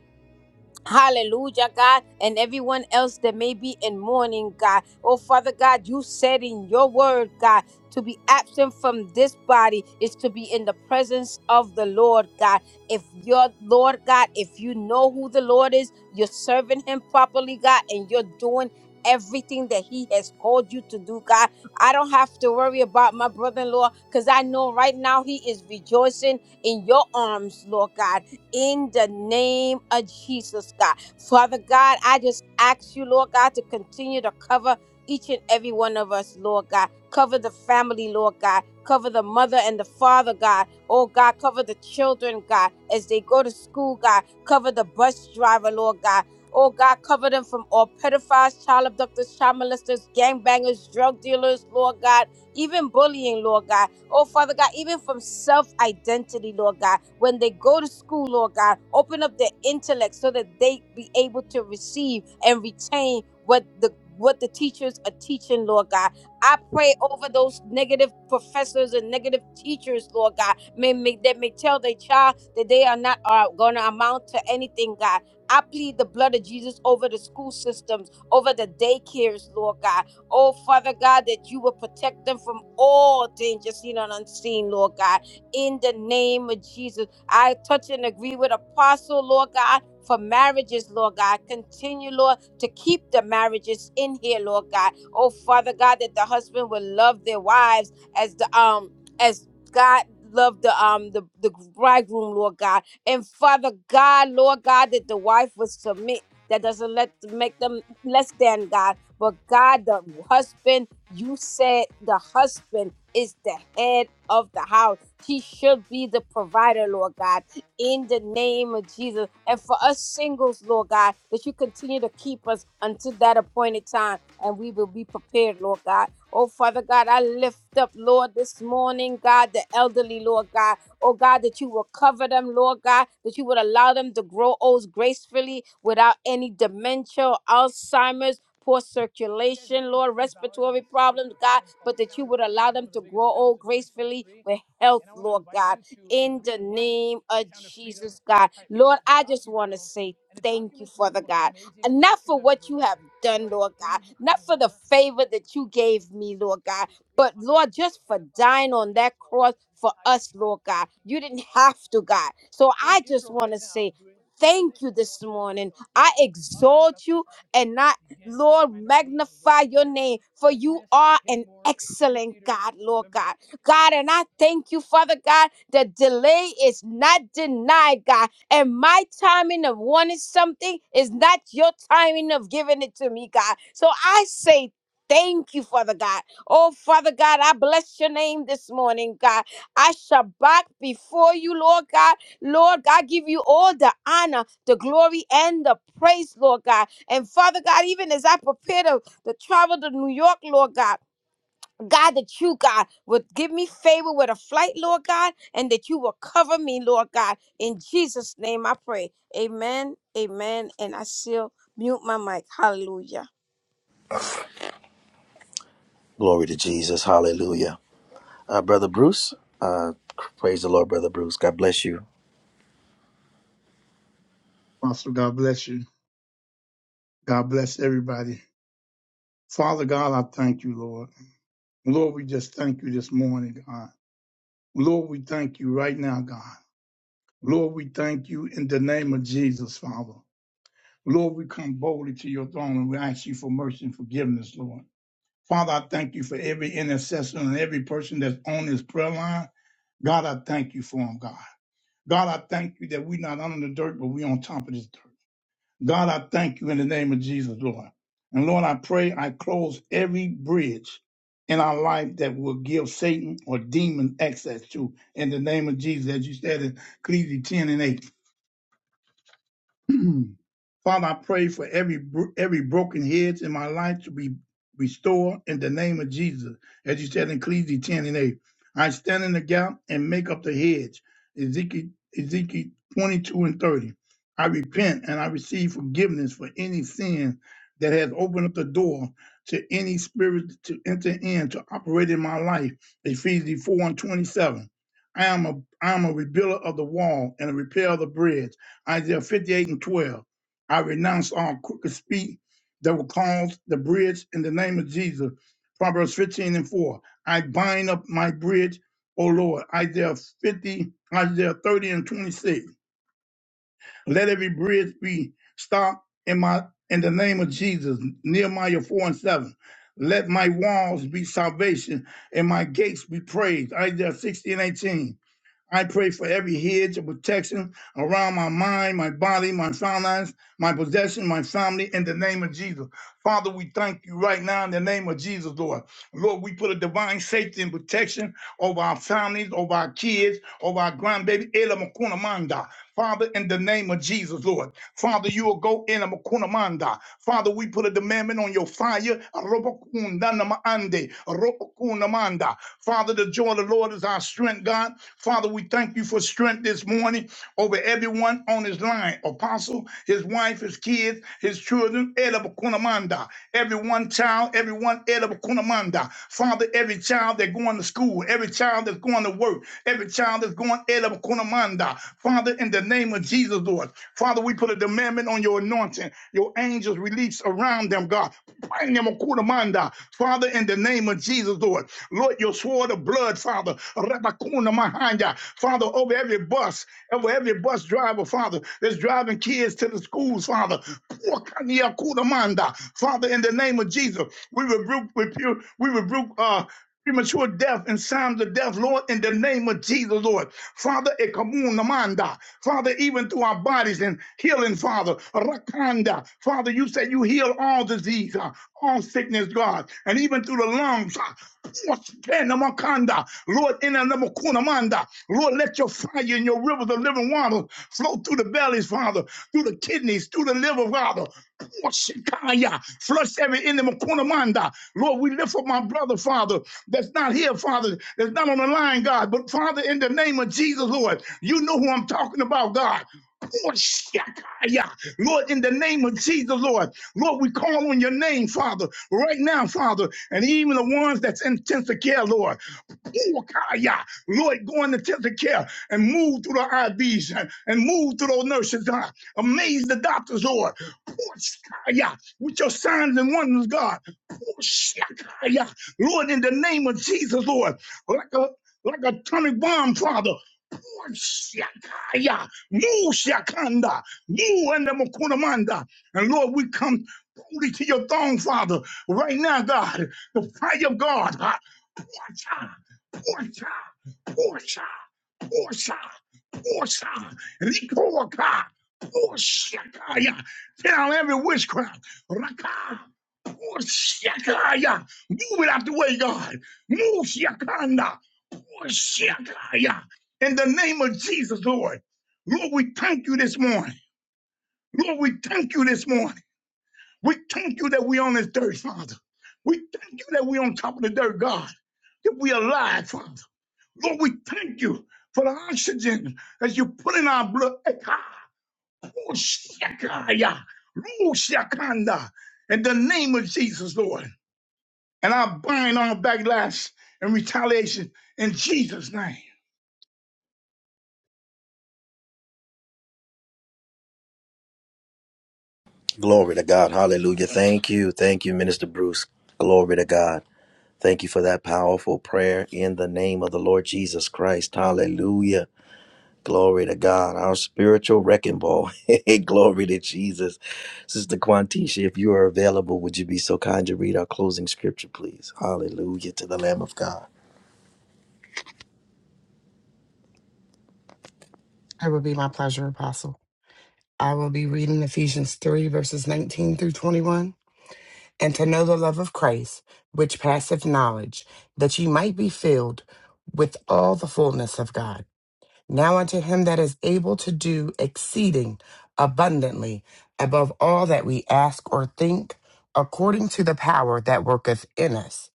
E: Hallelujah, God, and everyone else that may be in mourning, God. Oh, Father God, you said in your word, God, to be absent from this body is to be in the presence of the Lord, God. If your Lord, God, if you know who the Lord is, you're serving him properly, God, and you're doing everything that he has called you to do, God. I don't have to worry about my brother in law because I know right now he is rejoicing in your arms, Lord God in the name of Jesus, God. Father God, I just ask you, Lord God, to continue to cover each and every one of us, Lord God. Cover the family, Lord God. Cover the mother and the father, God. Oh, God, cover the children, God, as they go to school, God. Cover the bus driver, Lord God. Oh, God, cover them from all pedophiles, child abductors, child molesters, gangbangers, drug dealers, Lord God. Even bullying, Lord God. Oh, Father God, even from self identity, Lord God, when they go to school, Lord God, open up their intellect so that they be able to receive and retain what the what the teachers are teaching, Lord God. I pray over those negative professors and negative teachers, Lord God, may, may that may tell their child that they are not are going to amount to anything, God. I plead the blood of Jesus over the school systems, over the daycares, Lord God Oh, Father God, that you will protect them from all danger, seen and unseen, Lord God. In the name of Jesus, I touch and agree with Apostle, Lord God, for marriages, Lord God. Continue, Lord, to keep the marriages in here, Lord God. Oh, Father God, that the husband will love their wives as the um as God loved the um the, the bridegroom, Lord God. And Father God, Lord God, that the wife will submit. That doesn't let make them less than God. But God, the husband, you said the husband is the head of the house. He should be the provider, Lord God, in the name of Jesus. And for us singles, Lord God, that you continue to keep us until that appointed time and we will be prepared, Lord God. Oh, Father God, I lift up, Lord, this morning, God, the elderly, Lord God. Oh, God, that you will cover them, Lord God, that you would allow them to grow old gracefully without any dementia, Alzheimer's poor circulation, Lord, respiratory problems, God, but that you would allow them to grow old gracefully with health, Lord God, in the name of Jesus, God. Lord, I just want to say thank you, Father God, and not for what you have done, Lord God, not for the favor that you gave me, Lord God, but Lord, just for dying on that cross for us, Lord God. You didn't have to, God. So I just want to say, Thank you this morning. I exalt you and not Lord, magnify your name, for you are an excellent God, Lord God. God, and I thank you, Father God, the delay is not denied, God. And my timing of wanting something is not your timing of giving it to me, God. So I say, Thank you, Father God. Oh, Father God, I bless your name this morning, God. I shall back before you, Lord God. Lord God, give you all the honor, the glory, and the praise, Lord God. And Father God, even as I prepare to, to travel to New York, Lord God, God, that you, God, would give me favor with a flight, Lord God, and that you will cover me, Lord God. In Jesus' name I pray. Amen, amen. And I still mute my mic. Hallelujah.
F: Glory to Jesus. Hallelujah. Uh, Brother Bruce, uh, praise the Lord, Brother Bruce. God bless you.
I: Apostle, God bless you. God bless everybody. Father God, I thank you, Lord. Lord, we just thank you this morning, God. Lord, we thank you right now, God. Lord, we thank you in the name of Jesus, Father. Lord, we come boldly to your throne and we ask you for mercy and forgiveness, Lord. Father, I thank you for every intercessor and every person that's on this prayer line. God, I thank you for them, God. God, I thank you that we're not under the dirt, but we're on top of this dirt. God, I thank you in the name of Jesus, Lord. And Lord, I pray I close every bridge in our life that will give Satan or demon access to in the name of Jesus, as you said in Ecclesiastes 10 and 8. Father, I pray for every every broken head in my life to be restored in the name of Jesus, as you said in Ecclesiastes 10 and 8. I stand in the gap and make up the hedge. Ezekiel, Ezekiel 22 and 30. I repent and I receive forgiveness for any sin that has opened up the door to any spirit to enter in to operate in my life. Ephesians 4 and 27. I am a I am a rebuilder of the wall and a repairer of the bridge. Isaiah 58 and 12. I renounce all crooked speech that will cause the bridge in the name of Jesus. Proverbs 15 and 4. I bind up my bridge, O Lord. Isaiah 50, Isaiah 30 and 26. Let every bridge be stopped in my in the name of Jesus. Nehemiah 4 and 7. Let my walls be salvation and my gates be praised. Isaiah 60 and 18. I pray for every hedge of protection around my mind, my body, my finance, my possession, my family, in the name of Jesus. Father, we thank you right now in the name of Jesus, Lord. Lord, we put a divine safety and protection over our families, over our kids, over our grandbaby, Ela Makuna Manda. Father, in the name of Jesus, Lord. Father, you will go in a kunamanda. Father, we put a demandment on your fire. Arobokundanamaande, Arobokunamanda. Father, the joy of the Lord is our strength, God. Father, we thank you for strength this morning over everyone on his line apostle, his wife, his kids, his children, Elabkunamanda. Every one child, every one Elabkunamanda. Father, every child that's going to school, every child that's going to work, every child that's going Elabkunamanda. Father, in the name of Jesus, Lord. Father, we put a demand on your anointing, your angels release around them, God. Bring Kunamanda. Father, in the name of Jesus, Lord. Lord, your sword pour the blood, Father. Rabakuna Mahanya. Father, over every bus, over every bus driver, Father, that's driving kids to the schools, Father. Pour Kania Kudamanda. Father, in the name of Jesus, we rebuke, rebuke- we rebuke uh, premature death and signs of death, Lord, in the name of Jesus, Lord. Father, ekamunamanda. Father, even through our bodies and healing, Father. Rakanda. Father, you said you heal all diseases disease, uh, all sickness, God, and even through the lungs. uh, Spanamakanda. Lord, in the name of Lord, let your fire and your rivers of living water flow through the bellies, Father, through the kidneys, through the liver, Father. Shikaya, Flush every enemy, Kunamanda. Lord, we lift up my brother, Father, that's not here, Father, that's not on the line, God. But Father, in the name of Jesus, Lord, you know who I'm talking about, God. Oh, Lord, in the name of Jesus, Lord, Lord, we call on your name, Father, right now, Father, and even the ones that's in intensive care, Lord. Oh, Lord, go into intensive care and move through the IVs and, and move through those nurses, God. Amaze the doctors, Lord. Oh, With your signs and wonders, God. Oh, Lord, in the name of Jesus, Lord, like a like a atomic bomb, Father. Oh, Move Shakanda, move under Mokunamanda, And Lord, we come boldly to your throne, Father, right now, God. The fire of God, ah, Portia, Portia, Portia. Posa, Posa, Likoaka, Posakaya. Down every witchcraft. Raka, Posakaya. Move it out the way, God. Move Shakanda, Posakaya. In the name of Jesus, Lord. Lord, we thank you this morning. Lord, we thank you this morning. We thank you that we on this dirt, Father. We thank you that we on top of the dirt, God. That we alive, Father. Lord, we thank you for the oxygen that you put in our blood. Eka, oh, shakaya, oh, In the name of Jesus, Lord. And I bind all backlash and retaliation in Jesus' name.
F: Glory to God. Hallelujah. Thank you. Thank you, Minister Bruce. Glory to God. Thank you for that powerful prayer in the name of the Lord Jesus Christ. Hallelujah. Glory to God. Our spiritual wrecking ball. Glory to Jesus. Sister Quantisha, if you are available, would you be so kind to read our closing scripture, please? Hallelujah to the Lamb of God.
J: It will be my pleasure, Apostle. I will be reading Ephesians 3, verses 19 through 21. And to know the love of Christ, which passeth knowledge, that ye might be filled with all the fullness of God. Now unto him that is able to do exceeding abundantly above all that we ask or think, according to the power that worketh in us.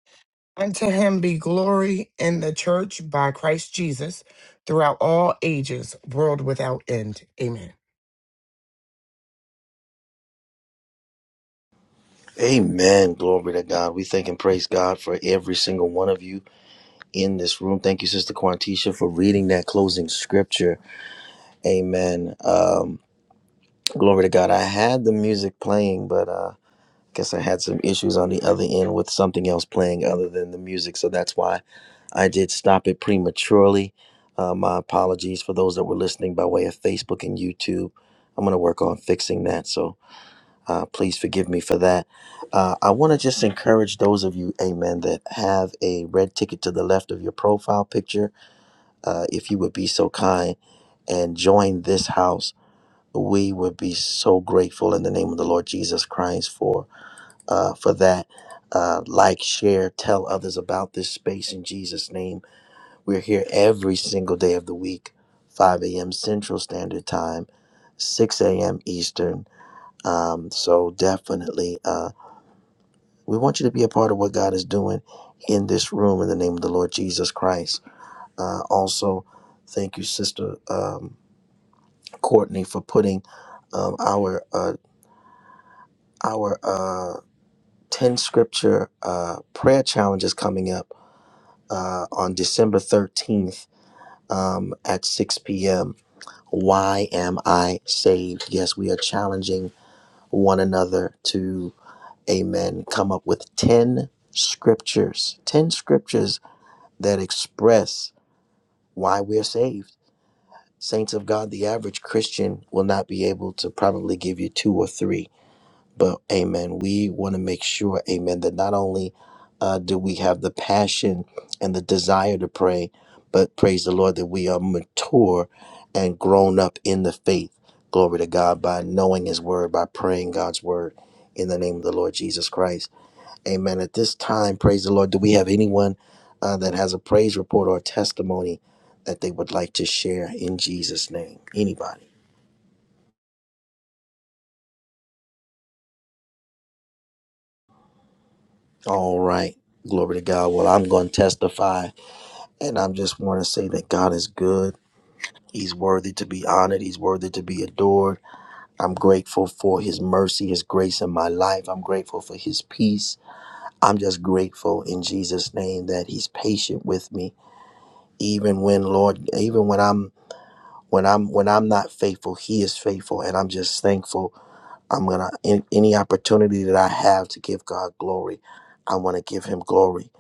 J: Unto him be glory in the church by Christ Jesus throughout all ages, world without end. Amen.
F: Amen. Glory to God. We thank and praise God for every single one of you in this room. Thank you, Sister Quantisha, for reading that closing scripture. Amen. Um, glory to God. I had the music playing, but uh, I guess I had some issues on the other end with something else playing other than the music. So that's why I did stop it prematurely. Uh, my apologies for those that were listening by way of Facebook and YouTube. I'm going to work on fixing that. So uh, please forgive me for that. Uh, I want to just encourage those of you, amen, that have a red ticket to the left of your profile picture. Uh, if you would be so kind and join this house, we would be so grateful in the name of the Lord Jesus Christ for uh, for that. Uh, like, share, tell others about this space in Jesus' name. We're here every single day of the week, 5 a.m. Central Standard Time, 6 a.m. Eastern. Um, so definitely. uh, we want you to be a part of what God is doing in this room in the name of the Lord Jesus Christ. Uh, also, thank you, Sister um, Courtney, for putting um, our uh, our uh, ten scripture uh, prayer challenges coming up uh, on December thirteenth um, at six p.m. Why am I saved? Yes, we are challenging one another to, Amen. Come up with ten scriptures, ten scriptures that express why we're saved. Saints of God, the average Christian will not be able to probably give you two or three. But amen, we want to make sure, amen, that not only uh, do we have the passion and the desire to pray, but praise the Lord that we are mature and grown up in the faith. Glory to God by knowing His Word, by praying God's Word in the name of the Lord Jesus Christ. Amen. At this time, praise the Lord. Do we have anyone uh, that has a praise report or a testimony that they would like to share in Jesus' name? Anybody? All right. Glory to God. Well, I'm going to testify, and I am just want to say that God is good. He's worthy to be honored. He's worthy to be adored. I'm grateful for His mercy, His grace in my life. I'm grateful for His peace. I'm just grateful in Jesus' name that He's patient with me, even when, Lord, even when I'm when I'm when I'm not faithful, He is faithful, and I'm just thankful. I'm gonna in, any opportunity that I have to give God glory, I want to give Him glory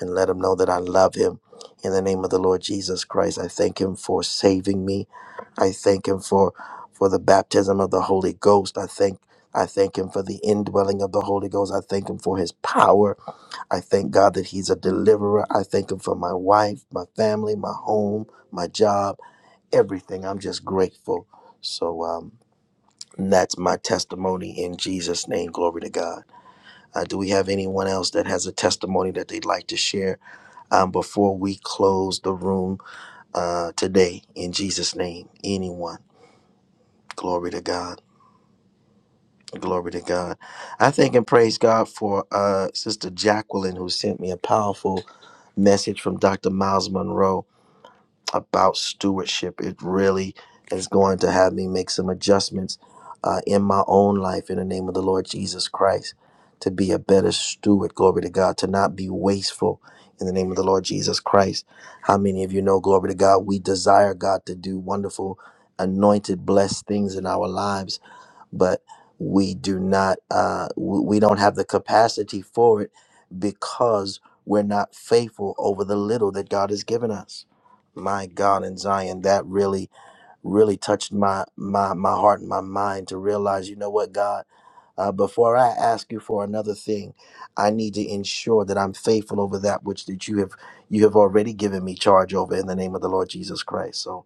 F: and let Him know that I love Him. In the name of the Lord Jesus Christ, I thank Him for saving me. I thank Him for for the baptism of the Holy Ghost. I thank. I thank him for the indwelling of the Holy Ghost. I thank him for his power. I thank God that he's a deliverer. I thank him for my wife, my family, my home, my job everything. I'm just grateful. So um, that's my testimony in Jesus' name. Glory to God. Uh, do we have anyone else that has a testimony that they'd like to share um, before we close the room uh, today? In Jesus' name, anyone. Glory to God. Glory to God. I thank and praise God for uh, Sister Jacqueline, who sent me a powerful message from Dr. Miles Monroe about stewardship. It really is going to have me make some adjustments uh, in my own life in the name of the Lord Jesus Christ to be a better steward. Glory to God, to not be wasteful in the name of the Lord Jesus Christ. How many of you know, glory to God, we desire God to do wonderful, anointed, blessed things in our lives but we do not uh w- we don't have the capacity for it because we're not faithful over the little that God has given us. My God in Zion, that really really touched my my my heart and my mind to realize, you know what, God, uh, before I ask you for another thing, I need to ensure that I'm faithful over that which that you have you have already given me charge over in the name of the Lord Jesus Christ. So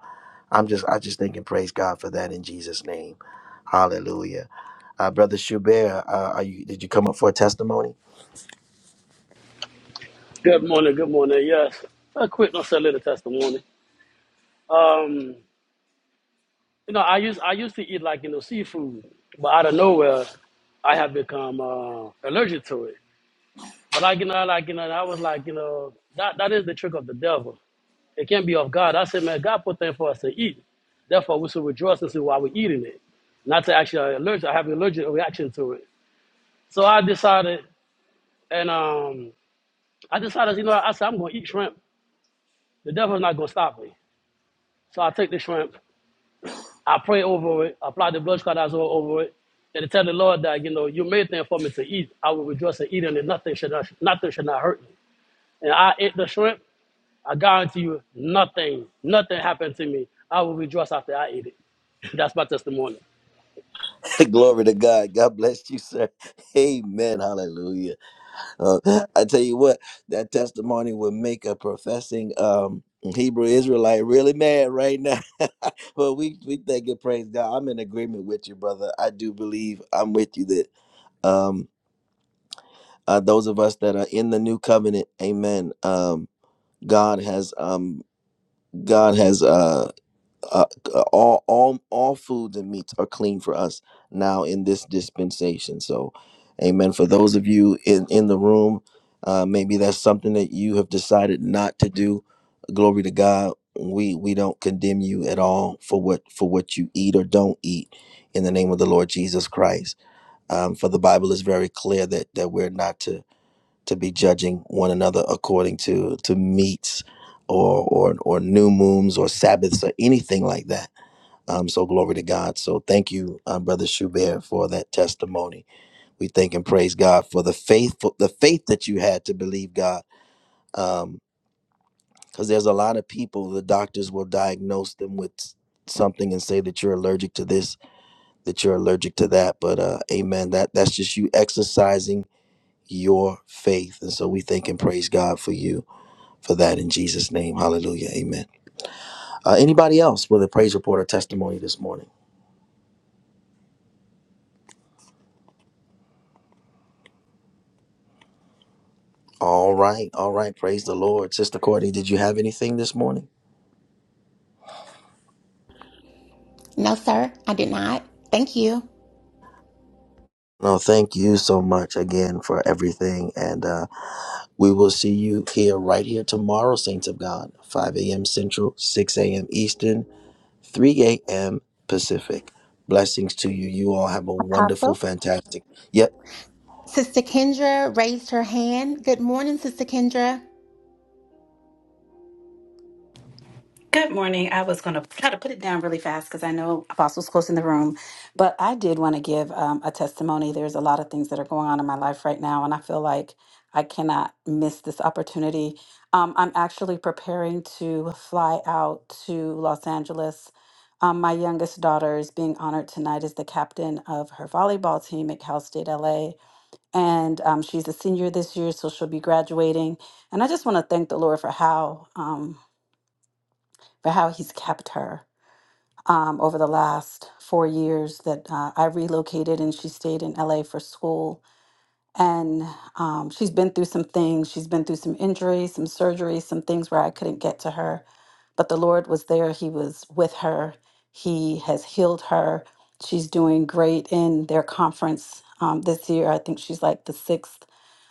F: I'm just I just thinking praise God for that in Jesus' name. Hallelujah. Uh, Brother Schubert, uh, are you did you come up for a testimony?
K: Good morning. Good morning. Yes, a quick, not so little testimony. Um, you know, I used I used to eat like you know seafood, but out of nowhere, I have become uh, allergic to it. But like you know, like you know, I was like you know that that is the trick of the devil. It can't be of God. I said, man, God put things for us to eat. Therefore, we should rejoice and see why we're eating it, not to actually allergic. I have an allergic reaction to it. So I decided, and um, I decided, you know, I said I'm gonna eat shrimp. The devil's not gonna stop me. So I take the shrimp I pray over it, I apply the blood squad all over it, and I tell the Lord that, you know, you made things for me to eat. I will rejoice and eat, and nothing should not, nothing should not hurt me. And I ate the shrimp. I guarantee you, nothing, nothing happened to me. I will rejoice after I ate it. That's my testimony.
F: Glory to God. God bless you, sir. Amen. Hallelujah. Uh, I tell you what, that testimony would make a professing um Hebrew Israelite really mad right now. but we we thank and praise God. I'm in agreement with you, brother. I do believe I'm with you that um uh, those of us that are in the new covenant, amen. Um God has um God has uh, uh uh, all all all foods and meats are clean for us now in this dispensation. So, Amen. For those of you in in the room, uh, maybe that's something that you have decided not to do. Glory to God. We we don't condemn you at all for what for what you eat or don't eat in the name of the Lord Jesus Christ. Um, for the Bible is very clear that that we're not to to be judging one another according to to meats or or or new moons or sabbaths or anything like that. Um, so glory to God. So thank you, uh, brother Schubert, for that testimony. We thank and praise God for the faith for the faith that you had to believe God. Um, because there's a lot of people the doctors will diagnose them with s- something and say that you're allergic to this, that you're allergic to that. But uh, amen. That that's just you exercising your faith, and so we thank and praise God for you. for that in Jesus' name. Hallelujah. Amen. Uh, anybody else with a praise report or testimony this morning? All right. All right. Praise the Lord. Sister Courtney, did you have anything this morning?
A: No, sir, I did not. Thank you,
F: No, thank you so much again for everything. And uh, we will see you here right here tomorrow, Saints of God, 5 a.m. Central, 6 a.m. Eastern, 3 a.m. Pacific. Blessings to you. You all have a wonderful,
A: Apostle.
F: fantastic. Yep.
A: Sister Kendra raised her hand. Good morning, Sister Kendra.
L: Good morning. I was going to try to put it down really fast because I know Apostle's close in the room, but I did want to give um, a testimony. There's a lot of things that are going on in my life right now, and I feel like I cannot miss this opportunity. Um, I'm actually preparing to fly out to Los Angeles. Um, my youngest daughter is being honored tonight as the captain of her volleyball team at Cal State LA, and um, she's a senior this year, so she'll be graduating. And I just want to thank the Lord for how. Um, for how he's kept her um, over the last four years that uh, I relocated and she stayed in LA for school. And um, she's been through some things. She's been through some injuries, some surgeries, some things where I couldn't get to her. But the Lord was there. He was with her. He has healed her. She's doing great in their conference um, this year. I think she's like the sixth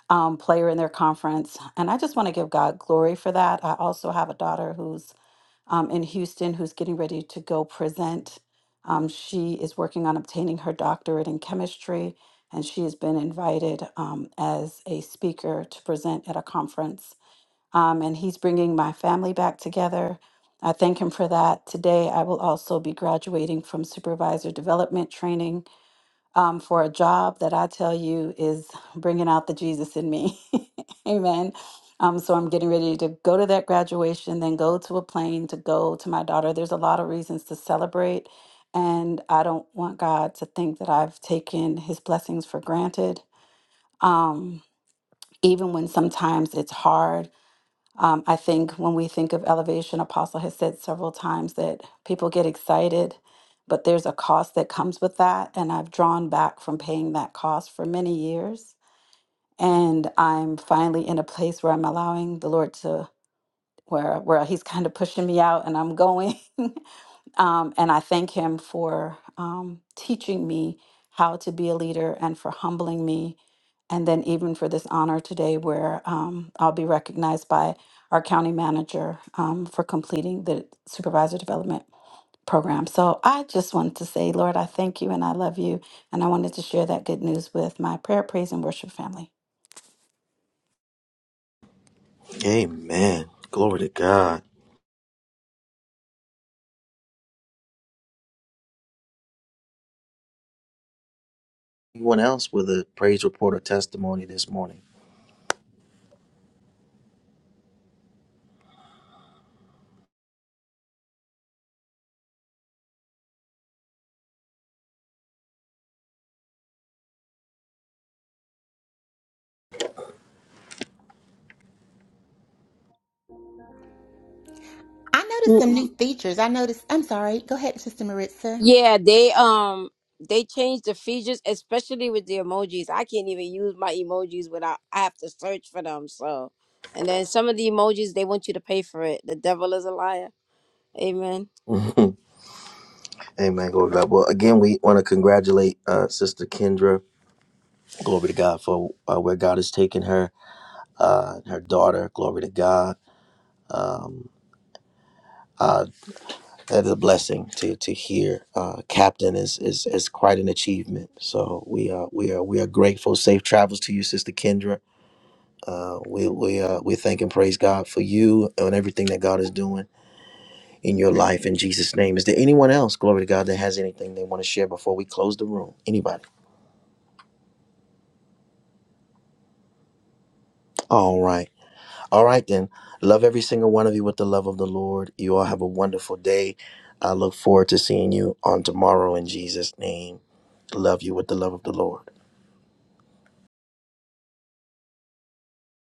L: um, player in their conference. And I just want to give God glory for that. I also have a daughter who's um, in Houston who's getting ready to go present. Um, she is working on obtaining her doctorate in chemistry, and she has been invited um, as a speaker to present at a conference. Um, and he's bringing my family back together. I thank him for that. Today, I will also be graduating from supervisor development training um, for a job that I tell you is bringing out the Jesus in me. Amen. Um, so I'm getting ready to go to that graduation, then go to a plane to go to my daughter. There's a lot of reasons to celebrate. And I don't want God to think that I've taken his blessings for granted. Um, even when sometimes it's hard um, I think when we think of elevation, Apostle has said several times that people get excited, but there's a cost that comes with that. And I've drawn back from paying that cost for many years. And I'm finally in a place where I'm allowing the Lord to, where, where He's kind of pushing me out and I'm going. Um, and I thank him for um, teaching me how to be a leader and for humbling me. And then, even for this honor today, where um, I'll be recognized by our county manager um, for completing the supervisor development program. So, I just wanted to say, Lord, I thank you and I love you. And I wanted to share that good news with my prayer, praise, and worship family.
F: Amen. Glory to God. Anyone else with a praise report or testimony this morning?
A: I noticed
E: Mm,
A: some new features. I noticed, I'm sorry. Go ahead, Sister Maritza.
E: Yeah, they um they changed the features, especially with the emojis. I can't even use my emojis without I have to search for them. So and then some of the emojis they want you to pay for it. The devil is a liar. Amen.
F: Mhm. Amen. Glory to God. Well, again, we want to congratulate uh, Sister Kendra. Glory to God for uh, where God has taken her, uh, her daughter. Glory to God. Um, uh, that is a blessing to to hear. Uh, Captain is is is quite an achievement. So we are we are we are grateful. Safe travels to you, Sister Kendra. Uh, we we uh, we thank and praise God for you and everything that God is doing in your life in Jesus' name. Is there anyone else, glory to God, that has anything they want to share before we close the room? Anybody? All right. All right, then. Love every single one of you with the love of the Lord. You all have a wonderful day. I look forward to seeing you on tomorrow in Jesus' name. Love you with the love of the Lord.